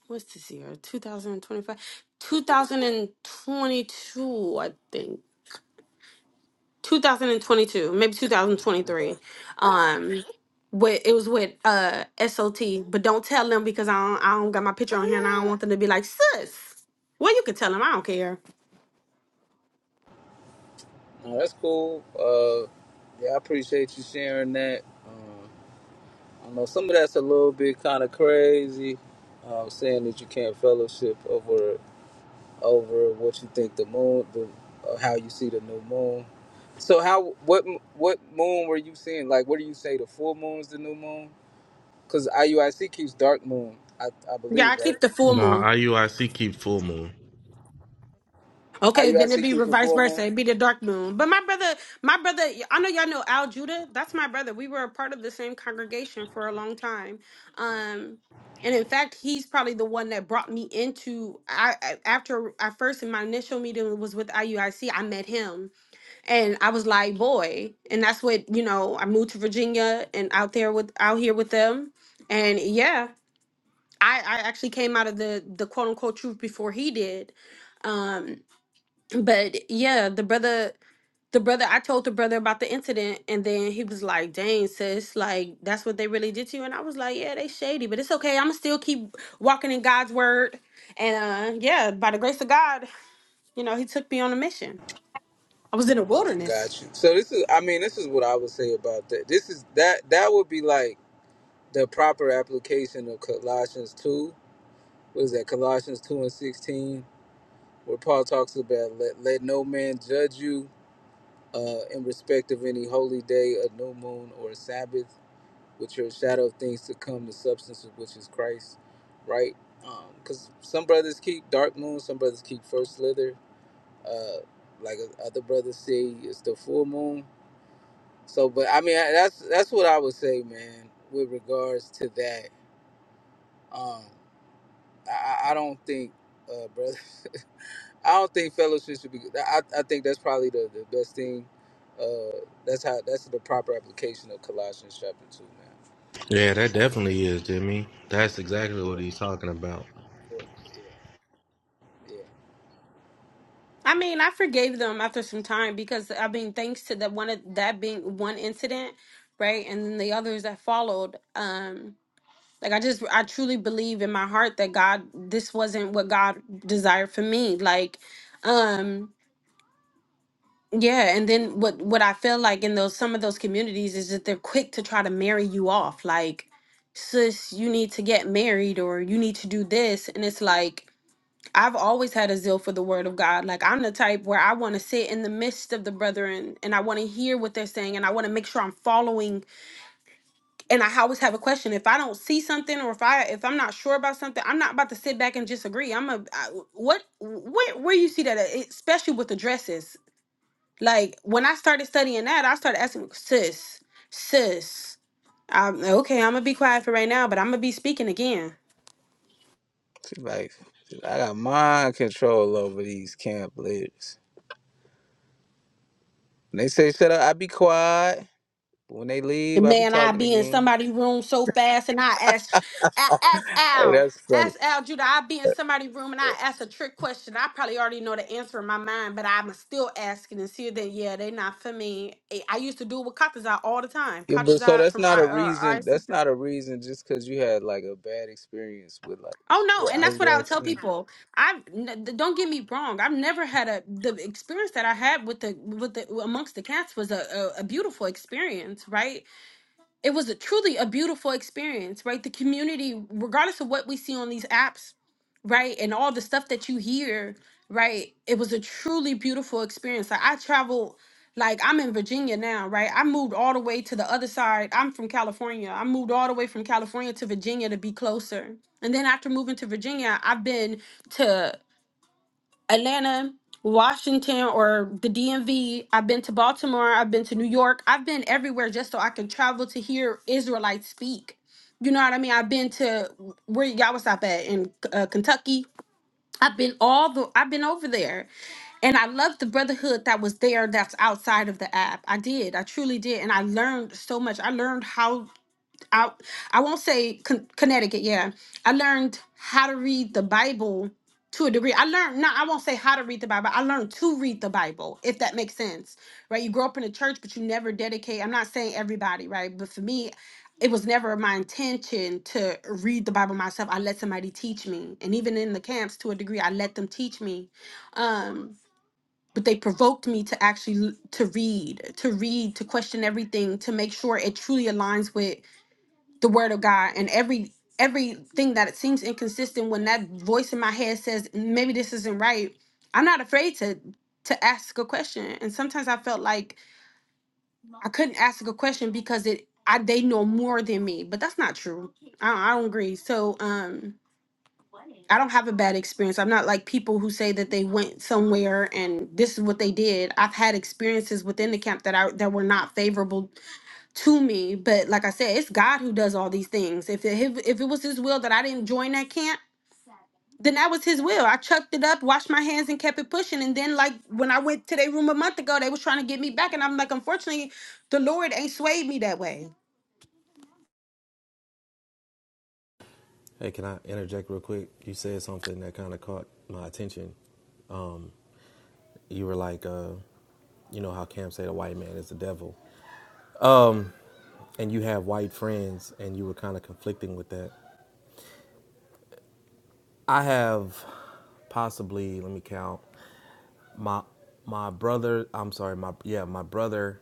[SPEAKER 4] what's this year? 2025, 2022, I think. 2022, maybe 2023. Um, with, it was with uh SOT, but don't tell them because I don't, I don't got my picture on here and I don't want them to be like, sis. Well, you can tell them. I don't care.
[SPEAKER 3] No, that's cool. Uh, yeah, I appreciate you sharing that. Um, I know some of that's a little bit kind of crazy. Um, saying that you can't fellowship over. over what you think the moon, the, or how you see the new moon. So how what what moon were you seeing? Like, what do you say? The full moon's the new moon? Because IUIC keeps dark moon, I, I
[SPEAKER 4] Yeah,
[SPEAKER 3] believe,
[SPEAKER 4] I keep
[SPEAKER 3] right?
[SPEAKER 4] the full moon.
[SPEAKER 5] Nah, IUIC keep full moon.
[SPEAKER 4] Okay, then it'd
[SPEAKER 3] IUIC
[SPEAKER 4] be
[SPEAKER 3] keeps the
[SPEAKER 4] reverse
[SPEAKER 3] full
[SPEAKER 4] versa.
[SPEAKER 3] moon.
[SPEAKER 4] It'd be the dark moon. But my brother, my brother, I know y'all know Al Judah. That's my brother. We were a part of the same congregation for a long time. Um, and in fact, he's probably the one that brought me into. I I- after I first in my initial meeting was with IUIC. I C. I met him, and I was like, boy. And that's what you know. I moved to Virginia and out there with out here with them, and yeah, I I actually came out of the the quote unquote truth before he did. Um, but yeah, the brother, the brother, I told the brother about the incident, and then he was like, "Dang, sis, like that's what they really did to you." And I was like, "Yeah, they shady, but it's okay. I'ma still keep walking in God's word." And uh, yeah, by the grace of God, you know, He took me on a mission. I was in a wilderness.
[SPEAKER 3] Got you. So this is, I mean, this is what I would say about that. This is that that would be like the proper application of Colossians two. What is that? Colossians two and sixteen, where Paul talks about let let no man judge you uh, in respect of any holy day, a new moon, or a Sabbath, which are a shadow of things to come, the substance of which is Christ, right? Because some brothers keep dark moon, some brothers keep first slither. Uh, like uh, other brothers say, it's the full moon. So, but I mean, I- that's that's what I would say, man, with regards to that. Um, I, I I don't think, uh, brother. [LAUGHS] I don't think fellowship should be. I, I think that's probably the, the best thing. Uh, that's how that's the proper application of Colossians chapter two, man.
[SPEAKER 5] Yeah, that
[SPEAKER 3] Um,
[SPEAKER 5] definitely is, Jimmy. That's exactly what he's talking about.
[SPEAKER 3] yeah, yeah.
[SPEAKER 4] I mean, I forgave them after some time because I mean, thanks to that one that being one incident, right, and then the others that followed. Um, Like I just I truly believe in my heart that God this wasn't what God desired for me. Like um yeah, and then what what I feel like in those some of those communities is that they're quick to try to marry you off like sis you need to get married or you need to do this and it's like I've always had a zeal for the word of God. Like I'm the type where I want to sit in the midst of the brethren and I want to hear what they're saying and I want to make sure I'm following and I always have a question. If I don't see something, or if I if I'm not sure about something, I'm not about to sit back and just agree. I'm a I, what where where you see that, at? It- especially with the dresses. Like when I started studying that, I started asking sis, sis. I'm, okay, I'm gonna be quiet for right now, but I'm gonna be speaking again.
[SPEAKER 3] See, like I got mind control over these camp leaders. When they say shut up, I be quiet. But when they leave,
[SPEAKER 4] And
[SPEAKER 3] I be
[SPEAKER 4] man, I
[SPEAKER 3] talking
[SPEAKER 4] be in
[SPEAKER 3] again.
[SPEAKER 4] somebody's room so fast, and I ask, I ask
[SPEAKER 3] Hey,
[SPEAKER 4] Al,
[SPEAKER 3] that's funny.
[SPEAKER 4] ask Al Judah. I be in somebody's room, and I ask a trick question. I probably already know the answer in my mind, but I'm still asking and see that yeah, they not for me. Eh, I used to do it with Katazai all the time.
[SPEAKER 3] Yeah, but so
[SPEAKER 4] Katazai
[SPEAKER 3] that's
[SPEAKER 4] from
[SPEAKER 3] not
[SPEAKER 4] I
[SPEAKER 3] a
[SPEAKER 4] R I.
[SPEAKER 3] reason. That's not a reason just because you had like a bad experience with like
[SPEAKER 4] Oh no, and that's
[SPEAKER 3] the
[SPEAKER 4] what I would tell
[SPEAKER 3] IUIC.
[SPEAKER 4] people. I n- th- don't get me wrong. I've never had a the experience that I had with the with the amongst the cats was a, a, a beautiful experience, right? it was a truly a beautiful experience, right? The community, regardless of what we see on these apps, right, and all the stuff that you hear, right, it was a truly beautiful experience. Like I travel, like I'm in Virginia now, right? I moved all the way to the other side. I'm from California. I moved all the way from California to Virginia to be closer. And then after moving to Virginia, I've been to Atlanta, Washington, or the DMV. I've been to Baltimore. I've been to New York. I've been everywhere just so I can travel to hear Israelites speak. You know what I mean? I've been to where y'all was up at in uh, Kentucky. I've been all the. I've been over there, and I love the brotherhood that was there. That's outside of the app. I did. I truly did, and I learned so much. I learned how I I won't say con- Connecticut. Yeah, I learned how to read the Bible to a degree. I learned no, I won't say how to read the Bible. I learned to read the Bible, if that makes sense, right? You grow up in a church, but you never dedicate. I'm not saying everybody, right? But for me, it was never my intention to read the Bible myself. I let somebody teach me, and even in the camps, to a degree, I let them teach me. Um, but they provoked me to actually l- to read, to read, to question everything, to make sure it truly aligns with the word of God and every everything that it seems inconsistent when that voice in my head says maybe this isn't right, I'm not afraid to to ask a question. And sometimes I felt like I couldn't ask a question because it I they know more than me, but that's not true. I, I don't agree. So um I don't have a bad experience. I'm not like people who say that they went somewhere and this is what they did. I've had experiences within the camp that I that were not favorable to me. But like I said, it's God who does all these things. If it, if, if it was His will that I didn't join that camp, then that was His will. I chucked it up, washed my hands, and kept it pushing. And then, like when I went to their room a month ago, they was trying to get me back, and I'm like, unfortunately, the Lord ain't swayed me that way.
[SPEAKER 5] Hey, can I interject real quick? You said something that kind of caught my attention. Um, you were like, uh, you know how Cam said a white man is the devil, and you have white friends, and you were kind of conflicting with that. I have possibly, let me count. my my brother i'm sorry my yeah my brother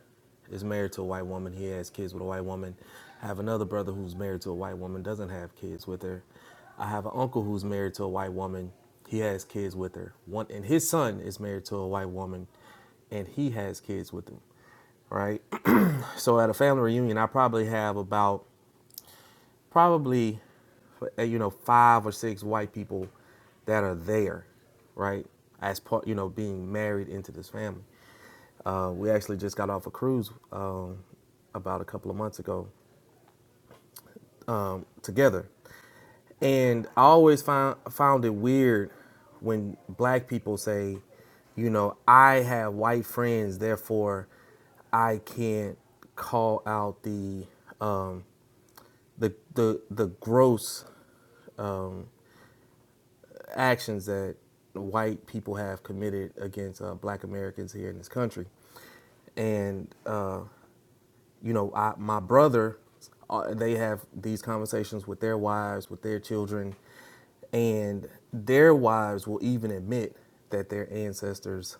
[SPEAKER 5] is married to a white woman he has kids with a white woman i have another brother who's married to a white woman doesn't have kids with her i have an uncle who's married to a white woman he has kids with her one and his son is married to a white woman and he has kids with him right [CLEARS THROAT] so at a family reunion i probably have about probably uh, you know five or six white people that are there right as part you know being married into this family Uh, we actually just got off a cruise um, about a couple of months ago together, and I always found found it weird when black people say, you know, I have white friends, therefore I can't call out the um, the the the gross actions that white people have committed against uh, black Americans here in this country, and. uh, you know, I, my brother, uh, they have these conversations with their wives, with their children, and their wives will even admit that their ancestors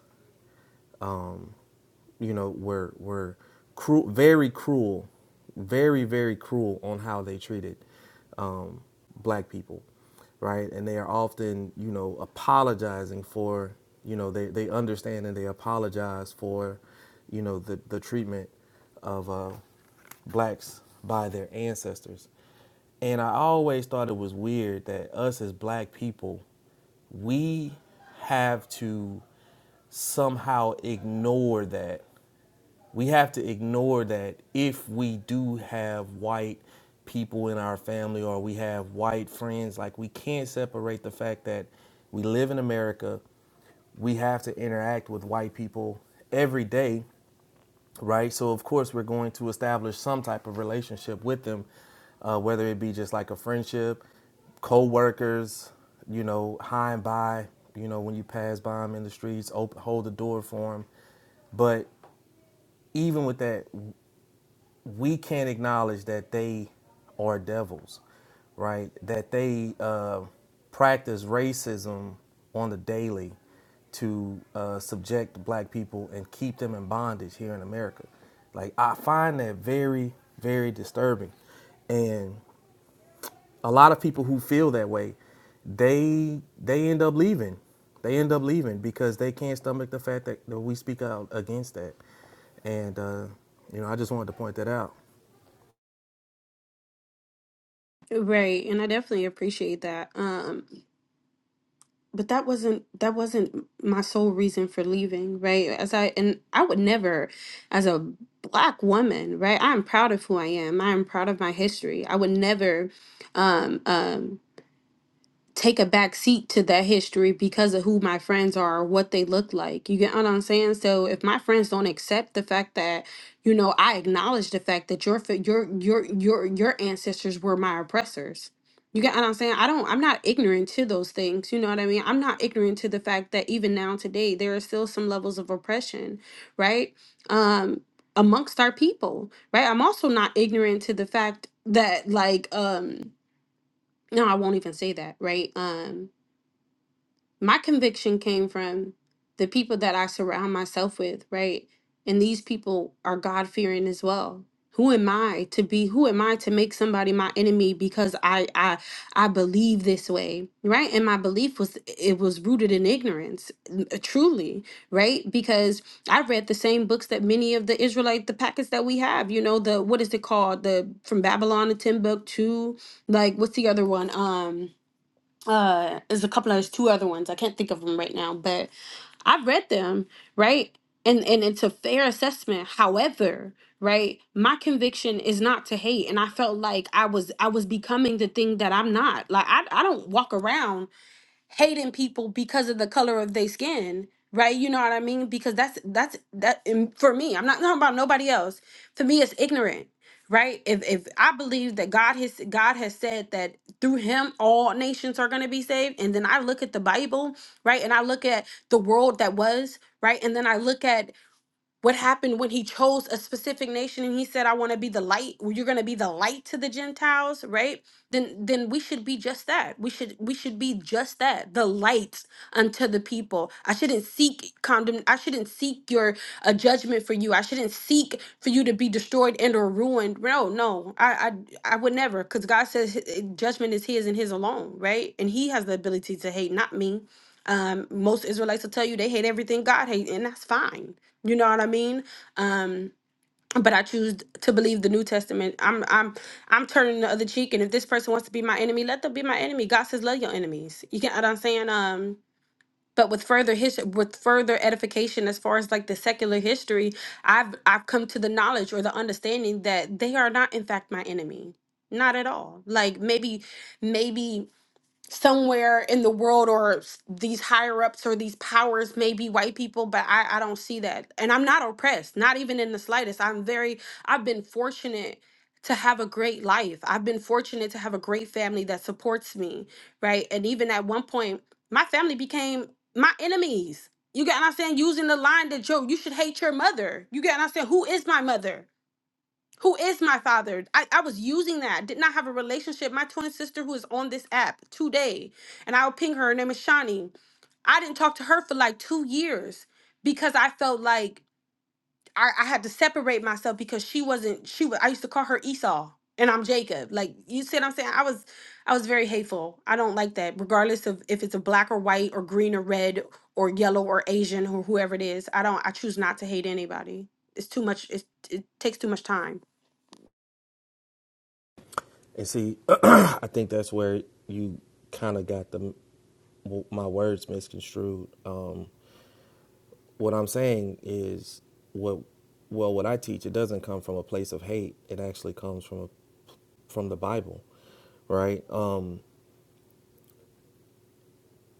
[SPEAKER 5] you know, were were cruel, very cruel, very very cruel on how they treated um, black people, right? And they are often, you know, apologizing for, you know, they they understand and they apologize for, you know, the the treatment of uh, blacks by their ancestors. And I always thought it was weird that us as black people, we have to somehow ignore that we have to ignore that if we do have white people in our family or we have white friends like we can't separate the fact that we live in America we have to interact with white people every day right so of course we're going to establish some type of relationship with them uh, whether it be just like a friendship co-workers you know high and by you know when you pass by them in the streets open, hold the door for them but even with that we can't acknowledge that they are devils, right? That they uh, practice racism on the daily to uh, subject black people and keep them in bondage here in America. Like, I find that very, very disturbing. And a lot of people who feel that way, they they end up leaving. They end up leaving because they can't stomach the fact that, that we speak out against that. And uh, you know, I just wanted to point that out.
[SPEAKER 4] Right, and I definitely appreciate that. Um, but that wasn't that wasn't my sole reason for leaving right as i and i would never as a black woman right i'm proud of who i am i'm proud of my history i would never um um take a back seat to that history because of who my friends are or what they look like. You get what I'm saying? So if my friends don't accept the fact that, you know, I acknowledge the fact that your fa- your your your your ancestors were my oppressors. You get what I'm saying? I don't I'm not ignorant to those things. You know what I mean? I'm not ignorant to the fact that even now today there are still some levels of oppression, right? Um amongst our people, right? I'm also not ignorant to the fact that like um no, I won't even say that, right? Um my conviction came from the people that I surround myself with, right? And these people are God fearing as well. Who am I to be? Who am I to make somebody my enemy because I I I believe this way, right? And my belief was it was rooted in ignorance, n- uh, truly, right? Because I read the same books that many of the Israelite the packets that we have, you know, the what is it called, the from Babylon to Timbuktu, like what's the other one, um uh is a couple of there's two other ones i can't think of them right now but i've read them right and and it's a fair assessment however right my conviction is not to hate and i felt like i was i was becoming the thing that i'm not like i, I don't walk around hating people because of the color of their skin, right? You know what I mean? Because that's that's that and for me. I'm not talking about nobody else. For me, it's ignorant, right? If if I believe that God has God has said that through Him all nations are going to be saved, and then I look at the Bible, right, and I look at the world that was, right, and then I look at what happened when he chose a specific nation and he said i want to be the light well, you're going to be the light to the gentiles right then then we should be just that we should we should be just that the light unto the people i shouldn't seek condemn i shouldn't seek your a judgment for you i shouldn't seek for you to be destroyed and or ruined no no i i, I would never because god says hi- eh, judgment is his and his alone right and he has the ability to hate not me um most israelites will tell you they hate everything god hates and that's fine you know what I mean? Um, but I choose to believe the New Testament. I'm I'm I'm turning the other cheek, and if this person wants to be my enemy, let them be my enemy. God says, love your enemies. You get what I'm saying? Um, but with further his with further edification, as far as like the secular history, I've I've come to the knowledge or the understanding that they are not in fact my enemy. Not at all. Like maybe, maybe somewhere in the world or s- these higher ups or these powers may be white people but I, I don't see that and i'm not oppressed not even in the slightest i'm very i've been fortunate to have a great life i've been fortunate to have a great family that supports me right and even at one point my family became my enemies you get what i'm saying using the line that joe you should hate your mother you get what i'm saying who is my mother who is my father I, I was using that did not have a relationship my twin sister who is on this app today and i'll ping her her name is shawnee i didn't talk to her for like two years because i felt like i, I had to separate myself because she wasn't she was i used to call her esau and i'm jacob like you see what i'm saying i was i was very hateful i don't like that regardless of if it's a black or white or green or red or yellow or asian or whoever it is i don't i choose not to hate anybody it's too much it's, it takes too much time
[SPEAKER 5] And see, [CLEARS THROAT] I think that's where you kind of got the my words misconstrued. Um, what I'm saying is what well what I teach it doesn't come from a place of hate. It actually comes from a, from the Bible, right? Um,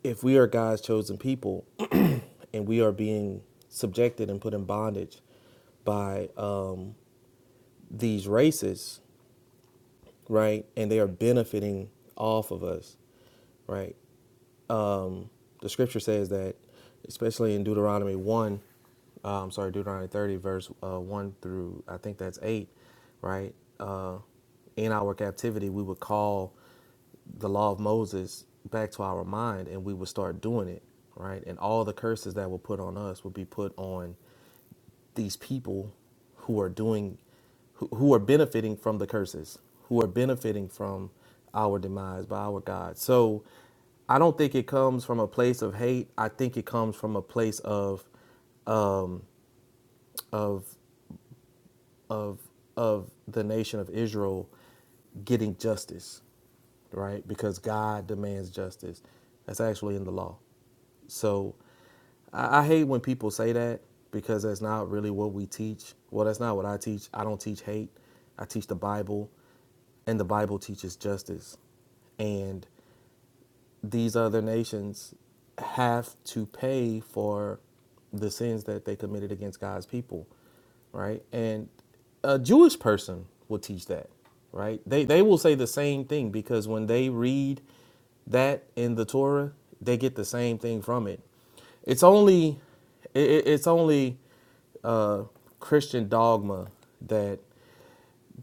[SPEAKER 5] if we are God's chosen people and we are being subjected and put in bondage by um, these races, right? And they are benefiting off of us, right? The scripture says that, especially in Deuteronomy 1, uh, I'm sorry, Deuteronomy 30, verse uh, 1 through I think that's 8, right? Uh, in our captivity, we would call the law of Moses back to our mind and we would start doing it, right? And all the curses that were put on us would be put on these people who are doing who, who are benefiting from the curses who are benefiting from our demise by our god so i don't think it comes from a place of hate i think it comes from a place of of of of the nation of israel getting justice right because god demands justice that's actually in the law So I, I hate when people say that because that's not really what we teach. Well, that's not what I teach. I don't teach hate. I teach the Bible, and the Bible teaches justice. And these other nations have to pay for the sins that they committed against God's people, right? And a Jewish person will teach that, right? They they will say the same thing because when they read that in the Torah, they get the same thing from it. It's only it, it's only uh, Christian dogma that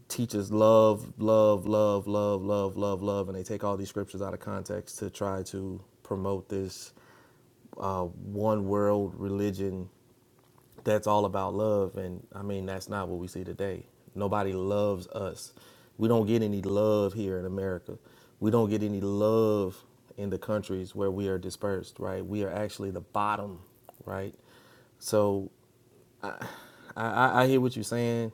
[SPEAKER 5] teaches love, love, love, love, love, love, love, and they take all these scriptures out of context to try to promote this uh, one world religion that's all about love. And I mean, that's not what we see today. Nobody loves us. We don't get any love here in America. We don't get any love in the countries where we are dispersed, right? We are actually the bottom, right? So I, I, I hear what you're saying.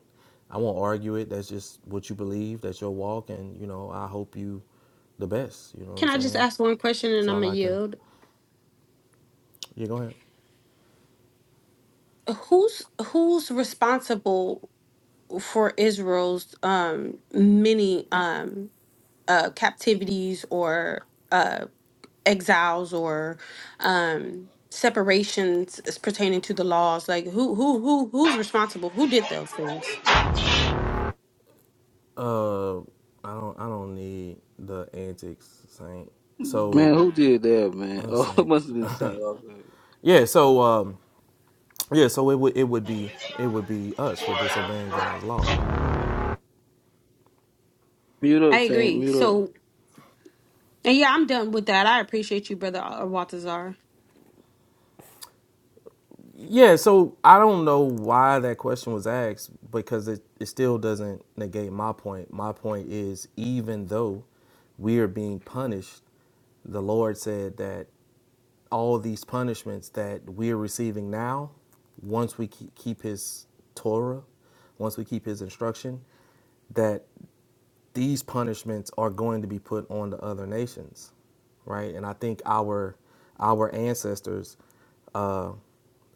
[SPEAKER 5] I won't argue it. That's just what you believe. That's your walk, and you know, I hope you the best. You know what I'm
[SPEAKER 4] Can I just
[SPEAKER 5] saying?
[SPEAKER 4] ask one question
[SPEAKER 5] That's
[SPEAKER 4] and I'm
[SPEAKER 5] all
[SPEAKER 4] gonna
[SPEAKER 5] I can.
[SPEAKER 4] yield?
[SPEAKER 5] Yeah, go ahead.
[SPEAKER 4] Who's who's responsible for Israel's um many um uh captivities or uh exiles or um separations as pertaining to the laws? Like who who who who's responsible? Who did those things?
[SPEAKER 5] Uh, I don't. I don't need the antics, Saint. So,
[SPEAKER 3] Man, who did that, man? [LAUGHS]
[SPEAKER 5] uh,
[SPEAKER 3] Oh, it
[SPEAKER 5] Saint.
[SPEAKER 3] must have been
[SPEAKER 5] [LAUGHS]
[SPEAKER 3] Saint. Augustine.
[SPEAKER 5] yeah. So, um, yeah. So it would. It would be. It would be us for disobeying God's law.
[SPEAKER 3] Mute
[SPEAKER 4] I
[SPEAKER 3] up, Saint.
[SPEAKER 4] agree.
[SPEAKER 3] Mute up.
[SPEAKER 4] So and yeah, I'm done with that. I appreciate you, brother uh, Waltazar.
[SPEAKER 5] Yeah, so I don't know why that question was asked because it, it still doesn't negate my point. My point is, even though we are being punished, the Lord said that all these punishments that we're receiving now, once we ke- keep His Torah, once we keep His instruction, that these punishments are going to be put on the other nations, right? And I think our our ancestors, uh,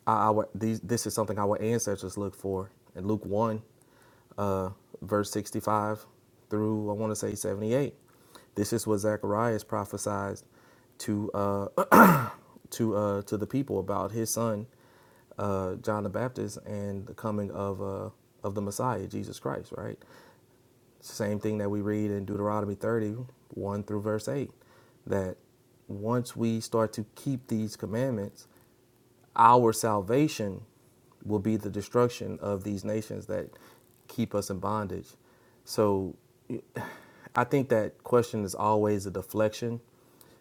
[SPEAKER 5] our these this is something our ancestors look for in Luke one, uh, verse sixty five through I want to say seventy eight. This is what Zacharias prophesied to uh, [CLEARS THROAT] to uh, to the people about his son uh, John the Baptist and the coming of uh, of the Messiah Jesus Christ, right? Same thing that we read in Deuteronomy 30, 1 through verse 8, that once we start to keep these commandments, our salvation will be the destruction of these nations that keep us in bondage. So I think that question is always a deflection.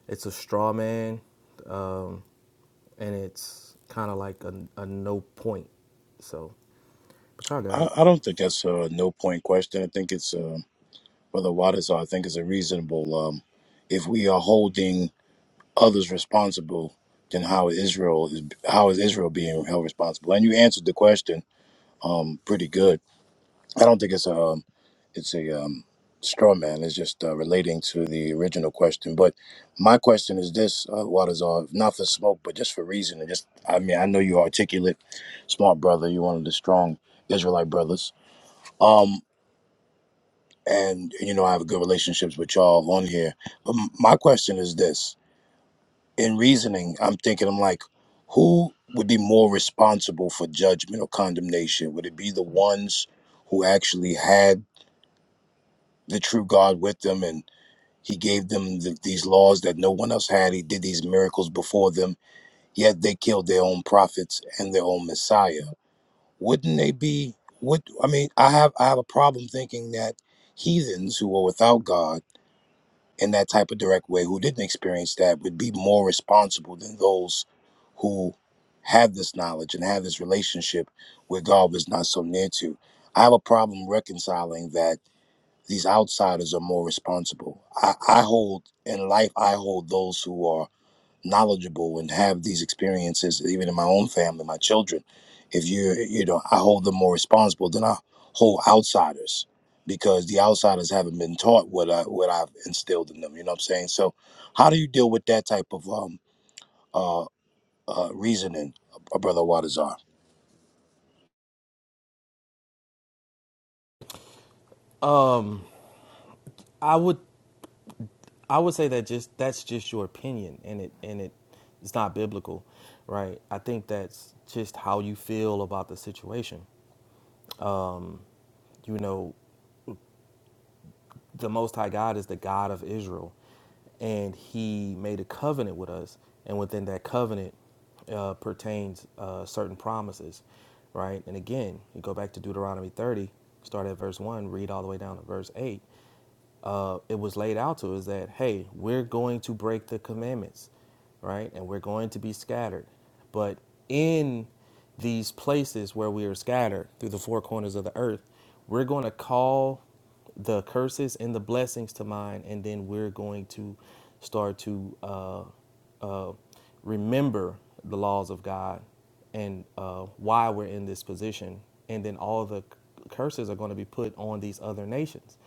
[SPEAKER 5] It's a straw man, um, and it's kind of like a, a no point. So, but y'all got
[SPEAKER 6] I,
[SPEAKER 5] it.
[SPEAKER 6] I don't think that's a no point question. I think it's uh, Brother Wadazar. I think it's a reasonable. Um, if we are holding others responsible, then how is Israel is how is Israel being held responsible? And you answered the question pretty good. I don't think it's a um, it's a um, straw man. It's just uh, relating to the original question. But my question is this: uh, Wadazar, not for smoke, but just for reason. And just I mean, I know you're articulate, smart brother. You're one of the strong Israelite brothers. Um, and you know I have good relationships with y'all on here. But m- my question is this: in reasoning, I'm thinking I'm like, who would be more responsible for judgment or condemnation? Would it be the ones who actually had the true God with them and He gave them the, these laws that no one else had? He did these miracles before them, yet they killed their own prophets and their own Messiah. Wouldn't they be? What I mean, I have I have a problem thinking that heathens who are without God in that type of direct way who didn't experience that would be more responsible than those who have this knowledge and have this relationship where God was not so near to. I have a problem reconciling that these outsiders are more responsible. I, I hold in life, I hold those who are knowledgeable and have these experiences even in my own family my children if you you know i hold them more responsible than i hold outsiders because the outsiders haven't been taught what i what i've instilled in them you know what i'm saying so how do you deal with that type of um uh, uh reasoning uh, brother Wadazar?
[SPEAKER 5] Um, I would I would say that just that's just your opinion, and it and it it's not biblical, right? I think that's just how you feel about the situation. Um, you know, the Most High God is the God of Israel, and He made a covenant with us, and within that covenant uh, pertains uh, certain promises, right? And again, you go back to Deuteronomy 30, start at verse one, read all the way down to verse eight. uh, it was laid out to is that hey we're going to break the commandments right and we're going to be scattered but in these places where we are scattered through the four corners of the earth we're going to call the curses and the blessings to mind and then we're going to start to uh, uh, remember the laws of god and uh, why we're in this position and then all the c- curses are going to be put on these other nations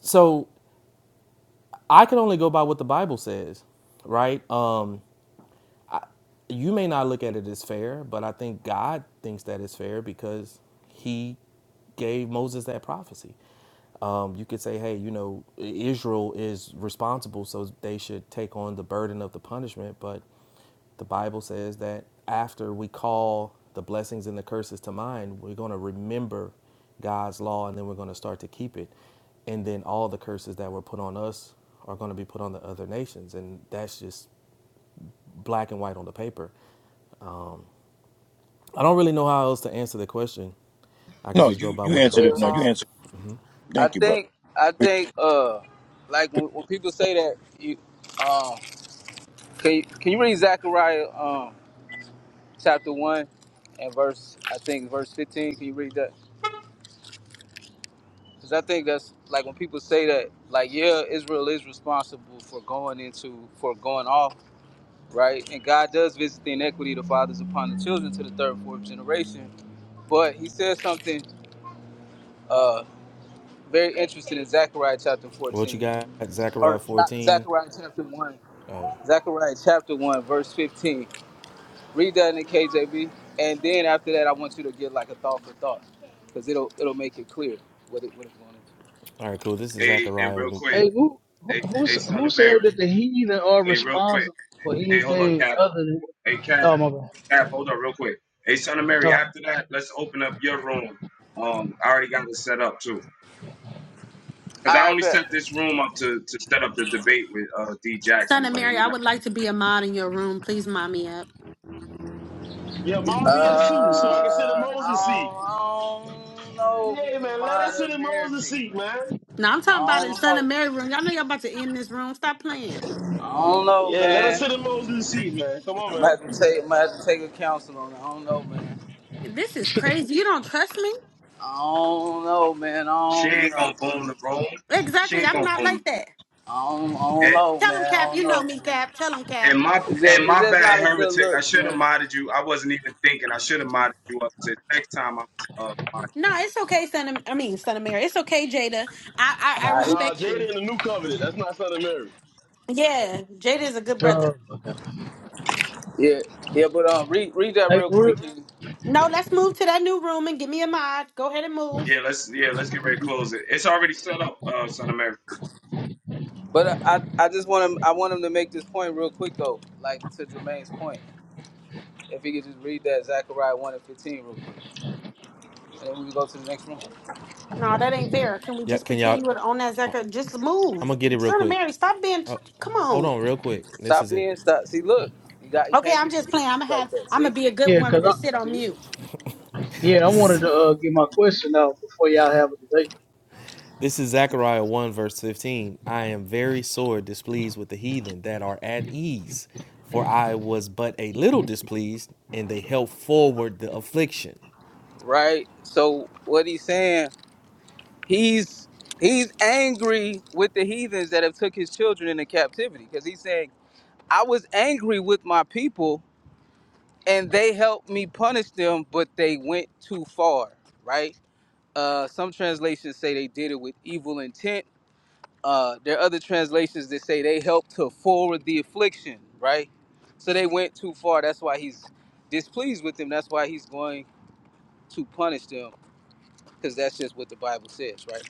[SPEAKER 5] so I can only go by what the Bible says, right? Um, you may not look at it as fair, but I think God thinks that it's fair because He gave Moses that prophecy. Um, you could say, hey, you know, Israel is responsible, so they should take on the burden of the punishment. But the Bible says that after we call the blessings and the curses to mind, we're going to remember God's law and then we're going to start to keep it. And then all the curses that were put on us are going to be put on the other nations. And that's just black and white on the paper. I don't really know how else to answer the question. I could
[SPEAKER 6] no
[SPEAKER 5] just go
[SPEAKER 6] you
[SPEAKER 5] by
[SPEAKER 6] you
[SPEAKER 5] what the
[SPEAKER 6] answered
[SPEAKER 3] They,
[SPEAKER 5] Bible
[SPEAKER 6] it no you
[SPEAKER 5] says.
[SPEAKER 3] um,
[SPEAKER 6] answered
[SPEAKER 5] hmm
[SPEAKER 3] I
[SPEAKER 6] thank you brother
[SPEAKER 3] think I think uh like when, when people say that you um can you, can you read Zechariah um chapter one and verse I think verse fifteen can you read that because I think that's like when people say that like yeah Israel is responsible for going into for going off right and God does visit the inequity of the fathers upon the children to the third fourth generation but he says something uh very interesting in Zechariah chapter
[SPEAKER 5] What you
[SPEAKER 3] 14
[SPEAKER 5] got? Zechariah
[SPEAKER 3] or not
[SPEAKER 5] 14.
[SPEAKER 3] Zechariah chapter one,
[SPEAKER 5] Oh, all
[SPEAKER 3] Zechariah chapter one, verse fifteen. Read that in the KJV, and then after that, I want you to get like a thought for thought, because it'll it'll make it clear what it what it's going into.
[SPEAKER 5] right, cool. This is
[SPEAKER 2] Hey, and
[SPEAKER 5] Zechariah.
[SPEAKER 2] real
[SPEAKER 5] one-
[SPEAKER 2] quick.
[SPEAKER 7] Hey, who who
[SPEAKER 2] Hey,
[SPEAKER 7] who
[SPEAKER 2] hey, son
[SPEAKER 7] who
[SPEAKER 2] of
[SPEAKER 7] said
[SPEAKER 2] Mary.
[SPEAKER 7] that the heathen are
[SPEAKER 2] Hey, real quick.
[SPEAKER 7] responsible for
[SPEAKER 2] Hey, hold on,
[SPEAKER 7] anything
[SPEAKER 2] Cap.
[SPEAKER 7] other than?
[SPEAKER 2] Hey, Cap.
[SPEAKER 7] Oh my God.
[SPEAKER 2] Cap, hold on, real quick. Hey, son of Mary.
[SPEAKER 7] Uh,
[SPEAKER 2] After that, let's open up your room. Um, I already got it set up too. Cause I
[SPEAKER 3] I
[SPEAKER 2] only
[SPEAKER 3] bet.
[SPEAKER 2] set this room up to to set up the debate with uh D
[SPEAKER 4] Son
[SPEAKER 2] Jackson,
[SPEAKER 4] of
[SPEAKER 2] but
[SPEAKER 4] Mary,
[SPEAKER 2] he
[SPEAKER 4] I
[SPEAKER 2] not.
[SPEAKER 4] would like to be a mod in your room. Please mod me up.
[SPEAKER 8] Yeah,
[SPEAKER 3] Uh,
[SPEAKER 8] mod me up too, so I can sit in
[SPEAKER 3] I don't,
[SPEAKER 8] Moses' seat.
[SPEAKER 3] I don't know. if We
[SPEAKER 8] Yeah,
[SPEAKER 3] can
[SPEAKER 8] man, let us
[SPEAKER 3] mind
[SPEAKER 8] sit
[SPEAKER 3] up
[SPEAKER 8] in Moses'
[SPEAKER 3] heretics,
[SPEAKER 8] seat,
[SPEAKER 3] man.
[SPEAKER 8] man.
[SPEAKER 4] Now I'm talking
[SPEAKER 3] I
[SPEAKER 4] about in
[SPEAKER 3] don't
[SPEAKER 4] Son
[SPEAKER 3] know.
[SPEAKER 4] of Mary room. Y'all know y'all about to end this room. Stop playing.
[SPEAKER 3] I don't know,
[SPEAKER 8] Yeah, let us
[SPEAKER 3] man.
[SPEAKER 8] sit in Moses' seat, man. Come on,
[SPEAKER 3] I
[SPEAKER 8] man.
[SPEAKER 3] might have to take, I might have to take a counsel on it. I don't know, man.
[SPEAKER 4] This is crazy. You don't trust me?
[SPEAKER 3] I don't know, man. I
[SPEAKER 2] She
[SPEAKER 3] don't, you
[SPEAKER 2] ain't
[SPEAKER 3] know.
[SPEAKER 2] gonna boom the room. She
[SPEAKER 4] Exactly.
[SPEAKER 2] ain't
[SPEAKER 4] I'm
[SPEAKER 2] gonna
[SPEAKER 4] not like
[SPEAKER 2] boom the room.
[SPEAKER 4] that.
[SPEAKER 3] I don't, I don't
[SPEAKER 2] And,
[SPEAKER 3] know,
[SPEAKER 4] Tell him,
[SPEAKER 3] man.
[SPEAKER 4] Cap.
[SPEAKER 3] I don't
[SPEAKER 4] You know me,
[SPEAKER 3] know.
[SPEAKER 4] Cap. Tell him, Cap.
[SPEAKER 2] and my
[SPEAKER 3] It's
[SPEAKER 2] and
[SPEAKER 3] just, it's
[SPEAKER 2] my
[SPEAKER 3] just
[SPEAKER 2] bad
[SPEAKER 3] not a good
[SPEAKER 2] heretic. I
[SPEAKER 3] look,
[SPEAKER 2] should have
[SPEAKER 3] man.
[SPEAKER 2] modded you. I wasn't even thinking. I should have modded you up to next time. I, uh, mod-
[SPEAKER 4] No, it's okay, Son of, I mean, Son of Mary. It's okay, Jada. I, I, I
[SPEAKER 3] Nah, he,
[SPEAKER 8] Nah,
[SPEAKER 4] respect you.
[SPEAKER 8] Jada in the new covenant. That's not Son of Mary.
[SPEAKER 4] Yeah, Jada is a good
[SPEAKER 7] uh,
[SPEAKER 4] brother.
[SPEAKER 7] okay.
[SPEAKER 3] yeah, yeah, but um, read read that
[SPEAKER 7] Hey,
[SPEAKER 3] real
[SPEAKER 7] for real?
[SPEAKER 3] quick, King.
[SPEAKER 4] No, let's move to that new room and give me a mod. Go ahead and move.
[SPEAKER 2] yeah, let's yeah, let's get ready to close it. It's already set up, uh, son of Mary.
[SPEAKER 3] But uh, I I just want him I want him to make this point real quick though, like to Jermaine's point. If he could just read that Zechariah one and fifteen real quick, and then we can go to the next one.
[SPEAKER 4] No, that ain't fair. Can we
[SPEAKER 5] Yeah,
[SPEAKER 4] just
[SPEAKER 5] can y'all?
[SPEAKER 4] continue it on that Zucker? Just
[SPEAKER 5] I'm
[SPEAKER 4] move.
[SPEAKER 5] gonna get it real
[SPEAKER 4] Son of
[SPEAKER 5] quick.
[SPEAKER 4] Mary, stop being,
[SPEAKER 5] Oh,
[SPEAKER 4] come
[SPEAKER 5] hold
[SPEAKER 4] on.
[SPEAKER 5] on, real quick. This
[SPEAKER 3] Stop
[SPEAKER 5] is it.
[SPEAKER 3] being stop. See, look, you got you
[SPEAKER 4] Okay,
[SPEAKER 3] can't be
[SPEAKER 4] I'm just playing.
[SPEAKER 3] contentious
[SPEAKER 4] I'm gonna
[SPEAKER 3] like
[SPEAKER 4] have,
[SPEAKER 3] that.
[SPEAKER 4] I'm
[SPEAKER 3] See,
[SPEAKER 4] gonna be a good
[SPEAKER 7] Yeah,
[SPEAKER 4] woman
[SPEAKER 7] cause
[SPEAKER 4] and
[SPEAKER 7] I
[SPEAKER 4] sit on
[SPEAKER 3] see,
[SPEAKER 4] mute.
[SPEAKER 7] yeah I
[SPEAKER 5] This is
[SPEAKER 7] wanted to uh, get my question out before y'all have a debate.
[SPEAKER 5] this is Zechariah 1 verse 15. I am very sore displeased with the heathen that are at ease, for I was but a little displeased, and they helped forward the affliction.
[SPEAKER 3] right? So what he's saying, he's he's angry with the heathens that have took his children into captivity because he's saying I was angry with my people and they helped me punish them, but they went too far, right? Uh, some translations say they did it with evil intent. Uh, there are other translations that say they helped to forward the affliction, right? So they went too far. That's why he's displeased with them. That's why he's going to punish them, because that's just what the Bible says, right?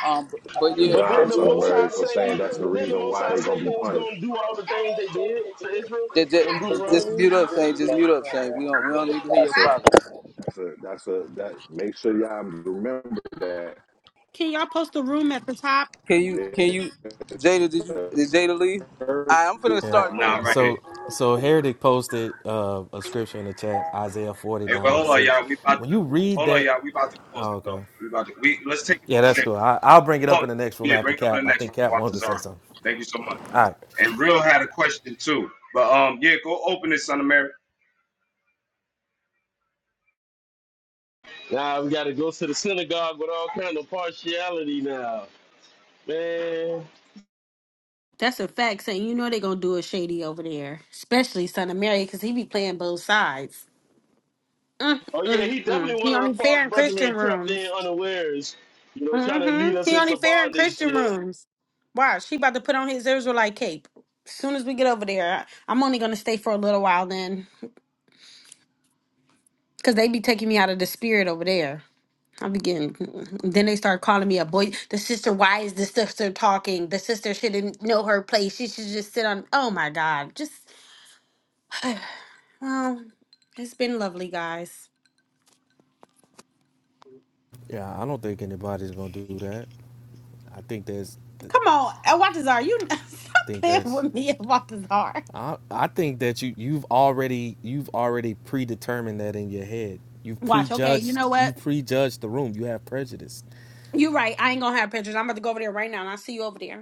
[SPEAKER 3] Um, but, but
[SPEAKER 1] Good
[SPEAKER 3] yeah,
[SPEAKER 8] But then
[SPEAKER 1] job,
[SPEAKER 8] the Most High
[SPEAKER 1] Sunbury, for saying
[SPEAKER 8] say,
[SPEAKER 1] that's the
[SPEAKER 8] but then the
[SPEAKER 1] reason
[SPEAKER 8] Most
[SPEAKER 1] why
[SPEAKER 8] High
[SPEAKER 1] they're
[SPEAKER 8] say
[SPEAKER 1] gonna be
[SPEAKER 8] they was
[SPEAKER 1] punished.
[SPEAKER 8] gonna do all the things they did to Israel
[SPEAKER 3] that, that,
[SPEAKER 8] in
[SPEAKER 3] just
[SPEAKER 8] Deuteronomy.
[SPEAKER 3] mute up, saying, just mute up, saying, we don't, we don't need to hear your
[SPEAKER 1] That's a
[SPEAKER 3] folly.
[SPEAKER 1] that's a that's a that make sure y'all remember that
[SPEAKER 4] Can y'all post the room at the top?
[SPEAKER 3] Can you, can
[SPEAKER 1] there's
[SPEAKER 3] you, Jada? Did you,
[SPEAKER 1] a
[SPEAKER 3] did Jada leave? I, I'm finna
[SPEAKER 1] purpose
[SPEAKER 5] Yeah.
[SPEAKER 3] start it,
[SPEAKER 1] behind
[SPEAKER 2] Nah,
[SPEAKER 3] Jada.
[SPEAKER 2] I'm right here.
[SPEAKER 5] So so Heretic posted uh, a scripture in the chat, Isaiah forty
[SPEAKER 2] Hey,
[SPEAKER 5] nine
[SPEAKER 2] well,
[SPEAKER 5] and
[SPEAKER 2] hold on,
[SPEAKER 5] six.
[SPEAKER 2] y'all. We about
[SPEAKER 5] When
[SPEAKER 2] to
[SPEAKER 5] you read
[SPEAKER 2] hold on,
[SPEAKER 5] that,
[SPEAKER 2] y'all. We about to close
[SPEAKER 5] oh,
[SPEAKER 2] it though.
[SPEAKER 5] okay,
[SPEAKER 2] We about to we let's take it
[SPEAKER 5] yeah,
[SPEAKER 2] over
[SPEAKER 5] that's
[SPEAKER 2] there.
[SPEAKER 5] cool. I, I'll bring it up
[SPEAKER 2] Hold on.
[SPEAKER 5] in the next room
[SPEAKER 2] Yeah,
[SPEAKER 5] after
[SPEAKER 2] bring it up in the
[SPEAKER 5] Cap. I
[SPEAKER 2] next
[SPEAKER 5] think
[SPEAKER 2] one.
[SPEAKER 5] Cap
[SPEAKER 2] Watch
[SPEAKER 5] wanted to
[SPEAKER 2] this on.
[SPEAKER 5] say something.
[SPEAKER 2] Thank you so much.
[SPEAKER 5] All right.
[SPEAKER 2] And real had a question too, but um, yeah, go open it, son of Mary.
[SPEAKER 8] Nah, we gotta go to the synagogue with all kind of partiality now, man.
[SPEAKER 4] That's a fact. Saying you know they gonna do a shady over there, especially Son of Mary, because he be playing both sides. Mm,
[SPEAKER 8] Oh yeah,
[SPEAKER 4] mm,
[SPEAKER 8] he
[SPEAKER 4] mm.
[SPEAKER 8] definitely one
[SPEAKER 4] He
[SPEAKER 8] of the
[SPEAKER 4] only
[SPEAKER 8] false
[SPEAKER 4] fair in Christian
[SPEAKER 8] brethren crept in
[SPEAKER 4] rooms.
[SPEAKER 8] unawares, you know, trying to
[SPEAKER 4] Mm-hmm.
[SPEAKER 8] lead us
[SPEAKER 4] He only
[SPEAKER 8] into
[SPEAKER 4] fair in
[SPEAKER 8] bondage, you
[SPEAKER 4] Christian
[SPEAKER 8] know.
[SPEAKER 4] rooms. Watch, he about to put on his Israelite cape. As soon as we get over there, I- I'm only gonna stay for a little while then, because they be taking me out of the spirit over there. I'm getting. Then they start calling me a boy. The sister, why is the sister talking? The sister shouldn't know her place. She should just sit on. Oh my God. Just, well, it's been lovely, guys.
[SPEAKER 5] Yeah, I don't think anybody's gonna do that. I think that's I
[SPEAKER 4] Come on, Watazar, you [LAUGHS] stop
[SPEAKER 5] think
[SPEAKER 4] playing
[SPEAKER 5] that's.
[SPEAKER 4] with me, Watazar.
[SPEAKER 5] I, I think that you you've already you've already predetermined that in your head. You've
[SPEAKER 4] Watch, okay, you
[SPEAKER 5] prejudged
[SPEAKER 4] know
[SPEAKER 5] you
[SPEAKER 4] what?
[SPEAKER 5] prejudged the room. You have prejudice.
[SPEAKER 4] You're right. I ain't gonna have pictures. I'm about to go over there right now and I'll see you over there.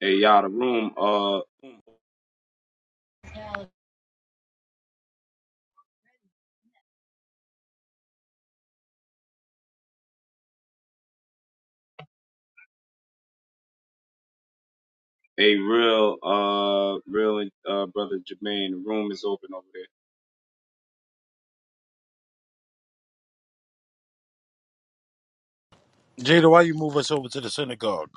[SPEAKER 2] Hey, y'all, the room. Uh, hey, real, uh, real, and uh, brother Jermaine, the room is open over there.
[SPEAKER 6] Jada, why you move us over to the synagogue?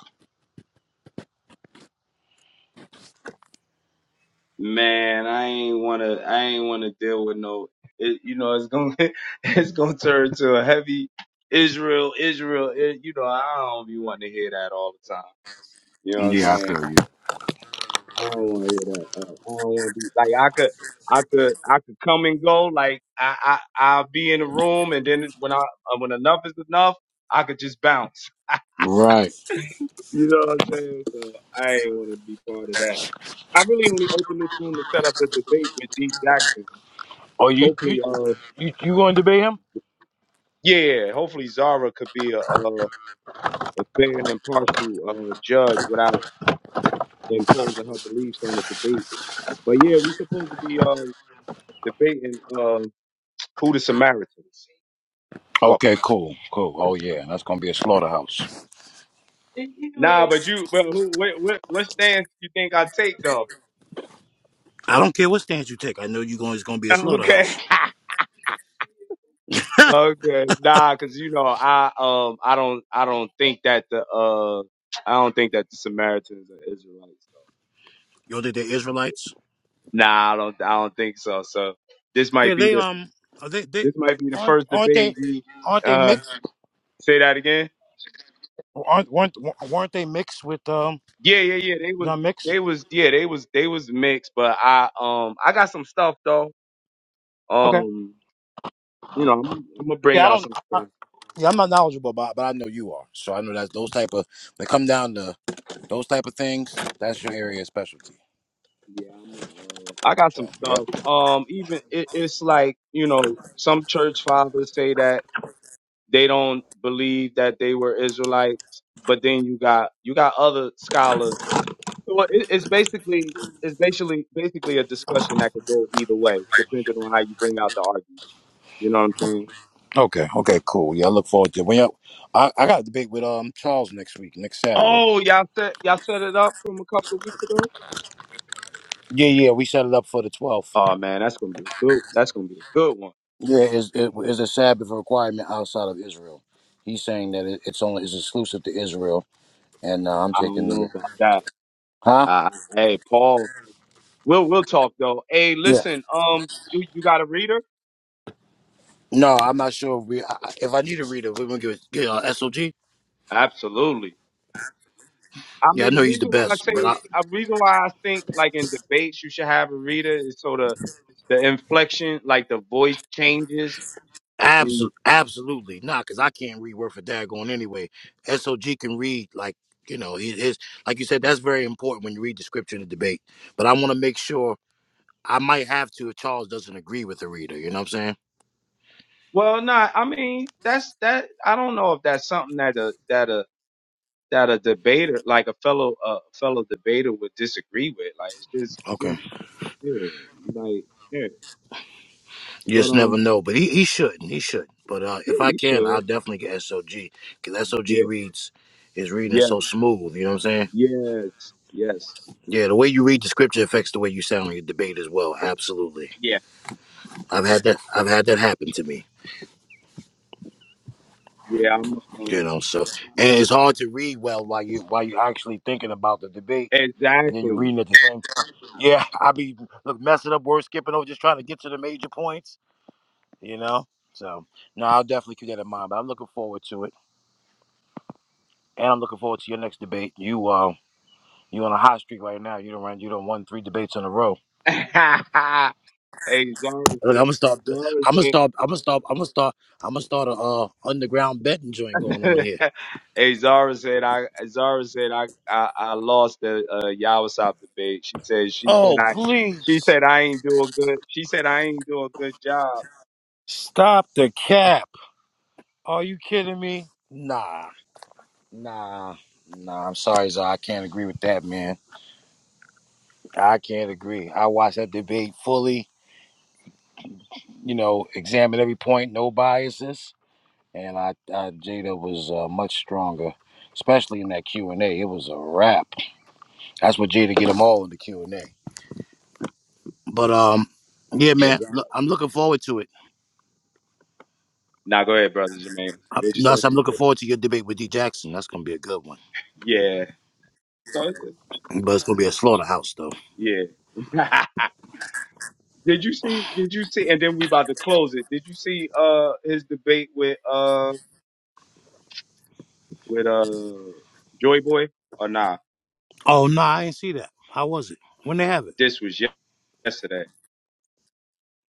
[SPEAKER 2] Man, I ain't wanna, I ain't wanna deal with no. It, you know, it's gonna, [LAUGHS] it's gonna turn to a heavy Israel, Israel. It, you know, I don't be wanting to hear that all the time. You know what I'm
[SPEAKER 6] yeah i
[SPEAKER 2] saying?
[SPEAKER 6] feel you
[SPEAKER 2] I don't want to hear that. I don't want to be like I could, I could, I could come and go. Like I, I, I'll be in the room, and then when I, uh, when enough is enough, I could just bounce.
[SPEAKER 6] right
[SPEAKER 2] You know what I'm saying? So I ain't want to be part of that. I really only opened this room to set up the debate with D Jackson.
[SPEAKER 6] Oh, you you
[SPEAKER 2] Hopefully, uh,
[SPEAKER 6] you, you going to debate him?
[SPEAKER 2] yeah, hopefully Zara could be a, a, a fair and impartial uh, judge without imposing her beliefs on the debate. But yeah, we supposed to be uh, debating. uh. Who the Samaritans? Well,
[SPEAKER 6] Okay, cool, cool. Oh yeah, that's gonna be a slaughterhouse.
[SPEAKER 2] nah, but you, but who, what, what, what stance you think I take though?
[SPEAKER 6] I don't care what stance you take. I know you're going. It's going to be a
[SPEAKER 2] Okay,
[SPEAKER 6] slaughterhouse.
[SPEAKER 2] [LAUGHS] okay, nah, because you know I um I don't I don't think that the uh I don't think that the Samaritans are Israelites.
[SPEAKER 6] You don't think they're Israelites?
[SPEAKER 2] Nah, I don't I don't think so. So this
[SPEAKER 6] Yeah,
[SPEAKER 2] might be
[SPEAKER 6] they
[SPEAKER 2] the
[SPEAKER 6] um, are they they
[SPEAKER 2] this might be the
[SPEAKER 6] aren't
[SPEAKER 2] first
[SPEAKER 6] aren't they
[SPEAKER 2] debate you
[SPEAKER 6] aren't they
[SPEAKER 2] uh
[SPEAKER 6] mixed?
[SPEAKER 2] say that again.
[SPEAKER 6] Aren't weren't weren't they mixed with um?
[SPEAKER 2] Yeah, yeah, yeah. They was
[SPEAKER 6] Not mixed.
[SPEAKER 2] they was yeah they was they was mixed, but I um I got some stuff though.
[SPEAKER 6] Okay.
[SPEAKER 2] Um, you know I'm, I'm gonna bring
[SPEAKER 6] Yeah, I
[SPEAKER 2] out
[SPEAKER 6] don't.
[SPEAKER 2] some stuff.
[SPEAKER 6] I, yeah, I'm not knowledgeable about, but I know you are. So I know that those type of when it come down to those type of things, that's your area of specialty.
[SPEAKER 2] Yeah, I'm. a, Uh, I got some
[SPEAKER 6] So yep.
[SPEAKER 2] stuff. Um, even it, it's like you know, some church fathers say that they don't believe that they were Israelites, but then you got you got other scholars. So it, it's basically it's basically basically a discussion that could go either way, depending on how you bring out the argument. You know what I'm saying?
[SPEAKER 6] Okay. Okay. Cool. Yeah, I look forward to it. when y'all- I I got a debate with um Charles next week, next Saturday.
[SPEAKER 2] Oh, y'all set y'all set it up from a couple of weeks ago.
[SPEAKER 6] Yeah, yeah, we set it up for the 12th.
[SPEAKER 2] Oh man, that's gonna be a good. That's gonna be a good one.
[SPEAKER 6] Yeah, is it is a Sabbath requirement outside of Israel. He's saying that it, it's only is exclusive to Israel, and uh, I'm
[SPEAKER 2] I don't
[SPEAKER 6] taking
[SPEAKER 2] know
[SPEAKER 6] the
[SPEAKER 2] about that.
[SPEAKER 6] huh?
[SPEAKER 2] Uh, hey, Paul. We'll we'll talk though. Hey,
[SPEAKER 6] Yeah.
[SPEAKER 2] listen, um, you, you got a reader?
[SPEAKER 6] No, I'm not sure. If we I, I- if I need a reader, we're gonna give it. Yeah, uh, SOG.
[SPEAKER 2] Absolutely. I
[SPEAKER 6] Yeah, I
[SPEAKER 2] mean,
[SPEAKER 6] know
[SPEAKER 2] the
[SPEAKER 6] he's the
[SPEAKER 2] reason why I
[SPEAKER 6] best, but
[SPEAKER 2] say,
[SPEAKER 6] I
[SPEAKER 2] a reason why I think like in debates you should have a reader is so the the inflection, like the voice changes. And,
[SPEAKER 6] absolutely absolutely not because I can't read word for daggone anyway. SOG can read like you know he his like you said that's very important when you read the scripture in the debate. But I want to make sure I might have to if Charles doesn't agree with the reader. You know what I'm saying?
[SPEAKER 2] well, not. I mean, that's that. I don't know if that's something that a that a that a debater, like a fellow a fellow debater, would disagree with. Like it's just you
[SPEAKER 6] Okay.
[SPEAKER 2] know, yeah, like yeah.
[SPEAKER 6] You
[SPEAKER 2] But
[SPEAKER 6] just never
[SPEAKER 2] um,
[SPEAKER 6] know, but he, he shouldn't. He shouldn't. But uh,
[SPEAKER 2] yeah,
[SPEAKER 6] if I
[SPEAKER 2] he
[SPEAKER 6] can, I'll
[SPEAKER 2] should.
[SPEAKER 6] definitely get SOG because SOG
[SPEAKER 2] Yeah,
[SPEAKER 6] reads his reading is
[SPEAKER 2] yes,
[SPEAKER 6] so smooth. You know what I'm saying?
[SPEAKER 2] yes, yes.
[SPEAKER 6] Yeah, the way you read the scripture affects the way you sound in your debate as well. Absolutely,
[SPEAKER 2] Yeah,
[SPEAKER 6] I've had that. I've had that happen to me.
[SPEAKER 2] yeah, I'm
[SPEAKER 6] You
[SPEAKER 2] um
[SPEAKER 6] know, so and it's hard to read well while you while you're actually thinking about the debate and then you're
[SPEAKER 2] exactly.
[SPEAKER 6] reading at the same. time. Yeah, [LAUGHS] I be look messing up words, skipping over, just trying to get to the major points. You know, so no, I'll definitely keep that in mind. But I'm looking forward to it. and I'm looking forward to your next debate. You uh, you on a hot streak right now. You don't run. You don't won three debates in a row.
[SPEAKER 2] [LAUGHS] hey Zara
[SPEAKER 6] I'm
[SPEAKER 2] said
[SPEAKER 6] gonna start. I'm gonna
[SPEAKER 2] Zara
[SPEAKER 6] start. I'm gonna start. I'm gonna start. I'm gonna start a uh, underground betting joint going on
[SPEAKER 2] said
[SPEAKER 6] here.
[SPEAKER 2] [LAUGHS] Hey Zara said I Zara said I I, I lost the uh Yawasop debate. She said she said
[SPEAKER 6] Oh
[SPEAKER 2] I
[SPEAKER 6] please
[SPEAKER 2] she said I ain't do a good she said I ain't do a good job.
[SPEAKER 6] stop the cap. Are you kidding me? Nah, nah, nah. I'm sorry, Zah. I can't agree with that, man. I can't agree. I watched that debate fully. You know, examined every point. No biases and I, I Jada was uh, much stronger, especially in that Q and A. It was a wrap. That's what Jada get them all in the Q and A. But um, yeah,
[SPEAKER 2] Yeah,
[SPEAKER 6] man,
[SPEAKER 2] Zara.
[SPEAKER 6] look, I'm looking forward to it.
[SPEAKER 2] Now go ahead, brother Jermaine.
[SPEAKER 6] i
[SPEAKER 2] What'd you say?
[SPEAKER 6] Nuss, I'm looking forward to your debate with D Jackson. That's gonna be a good one,
[SPEAKER 2] Yeah. So it's- it's-
[SPEAKER 6] but it's gonna be a slaughterhouse though.
[SPEAKER 2] yeah. [LAUGHS] Did you see did you see and then we about to close it. Did you see uh his debate with uh? with uh Joy Boy or nah?
[SPEAKER 6] Oh no, I ain't see that. How was it? When they have it?
[SPEAKER 2] This was yesterday.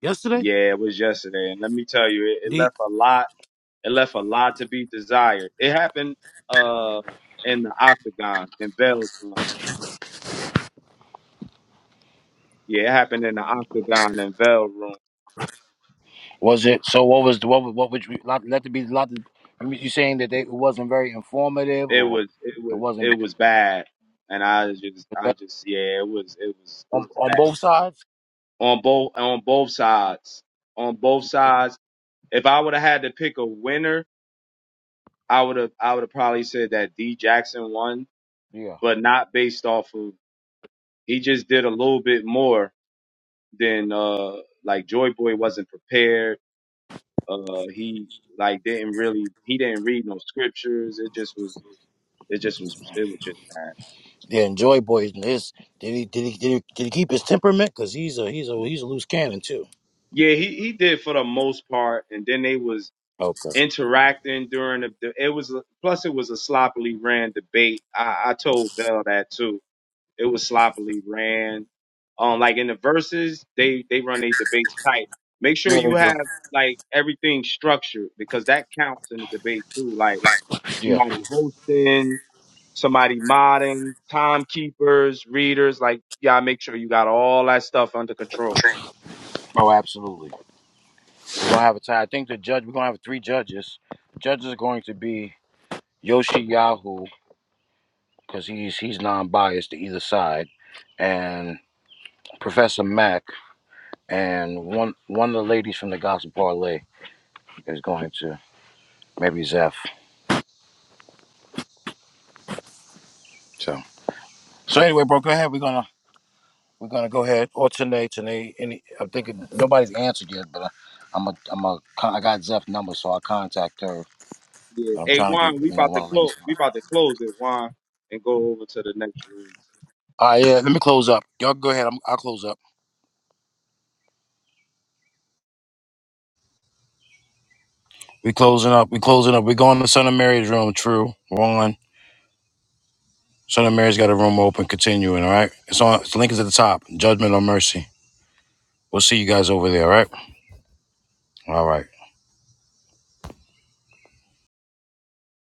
[SPEAKER 6] Yesterday?
[SPEAKER 2] Yeah, it was yesterday, and let me tell you, it, it
[SPEAKER 6] D
[SPEAKER 2] left a lot. It left a lot to be desired. It happened uh in the octagon in Vel's room. Yeah, it happened in the octagon in Vel's room.
[SPEAKER 6] Was it? So what was the what? was- What would you lot? Let there be lot. You mean- you saying that they, it wasn't very informative,
[SPEAKER 2] It
[SPEAKER 6] or
[SPEAKER 2] was it
[SPEAKER 6] it
[SPEAKER 2] was it
[SPEAKER 6] wasn't
[SPEAKER 2] was bad, and I just I just yeah, it was it was it
[SPEAKER 6] on,
[SPEAKER 2] was
[SPEAKER 6] on
[SPEAKER 2] bad
[SPEAKER 6] both sides?
[SPEAKER 2] on both on both sides on both sides. If I would have had to pick a winner I would have I would have probably said that D Jackson won,
[SPEAKER 6] Yeah.
[SPEAKER 2] but not based off of he just did a little bit more than uh like Joy Boy wasn't prepared. Uh he like didn't really he didn't read no scriptures. It just was it just was it was just bad.
[SPEAKER 6] Yeah, enjoy boys. And This did he did he did he, did he keep his temperament? Cause he's a he's a he's a loose cannon too.
[SPEAKER 2] Yeah, he he did for the most part and then they was
[SPEAKER 6] Okay.
[SPEAKER 2] interacting during the the- it was a- plus it was a sloppily ran debate. I, I told Bell that too It was sloppily ran. Um, like in the verses, they they run their debates tight. Make sure
[SPEAKER 6] Yeah, they
[SPEAKER 2] you
[SPEAKER 6] do.
[SPEAKER 2] have like everything structured because that counts in the debate too. Like
[SPEAKER 6] Yeah.
[SPEAKER 2] somebody hosting, somebody modding, timekeepers, readers. Like y'all make sure you got all that stuff under control.
[SPEAKER 6] Oh, absolutely. We're gonna have a tie. I think the judge. We're gonna have three judges. Judge is going to be Yoshi Yahoo because he's he's non-biased to either side, and Professor Mack and one one of the ladies from the Gospel Parlay is going to maybe Zeph. So so anyway, bro, go ahead. We're gonna We're gonna go ahead alternate to any. any- I'm thinking nobody's answered yet, but I, I'm a I'm a con- I got Zeph's number, so I'll contact her.
[SPEAKER 2] Yeah.
[SPEAKER 6] But I'm
[SPEAKER 2] Hey
[SPEAKER 6] trying to get
[SPEAKER 2] Juan, we
[SPEAKER 6] you know
[SPEAKER 2] about
[SPEAKER 6] one
[SPEAKER 2] to
[SPEAKER 6] of the
[SPEAKER 2] close.
[SPEAKER 6] ladies.
[SPEAKER 2] We about to close it, Juan, and go over to the next room.
[SPEAKER 6] All right, yeah. Let me close up. Y'all go ahead. I'm, I'll close up. We closing up. We closing up. We going to Son of Mary's room. True. One. Son of Mary's got a room open. Continuing. All right. It's on. The link is at the top. Judgment or mercy. We'll see you guys over there. All right. All right.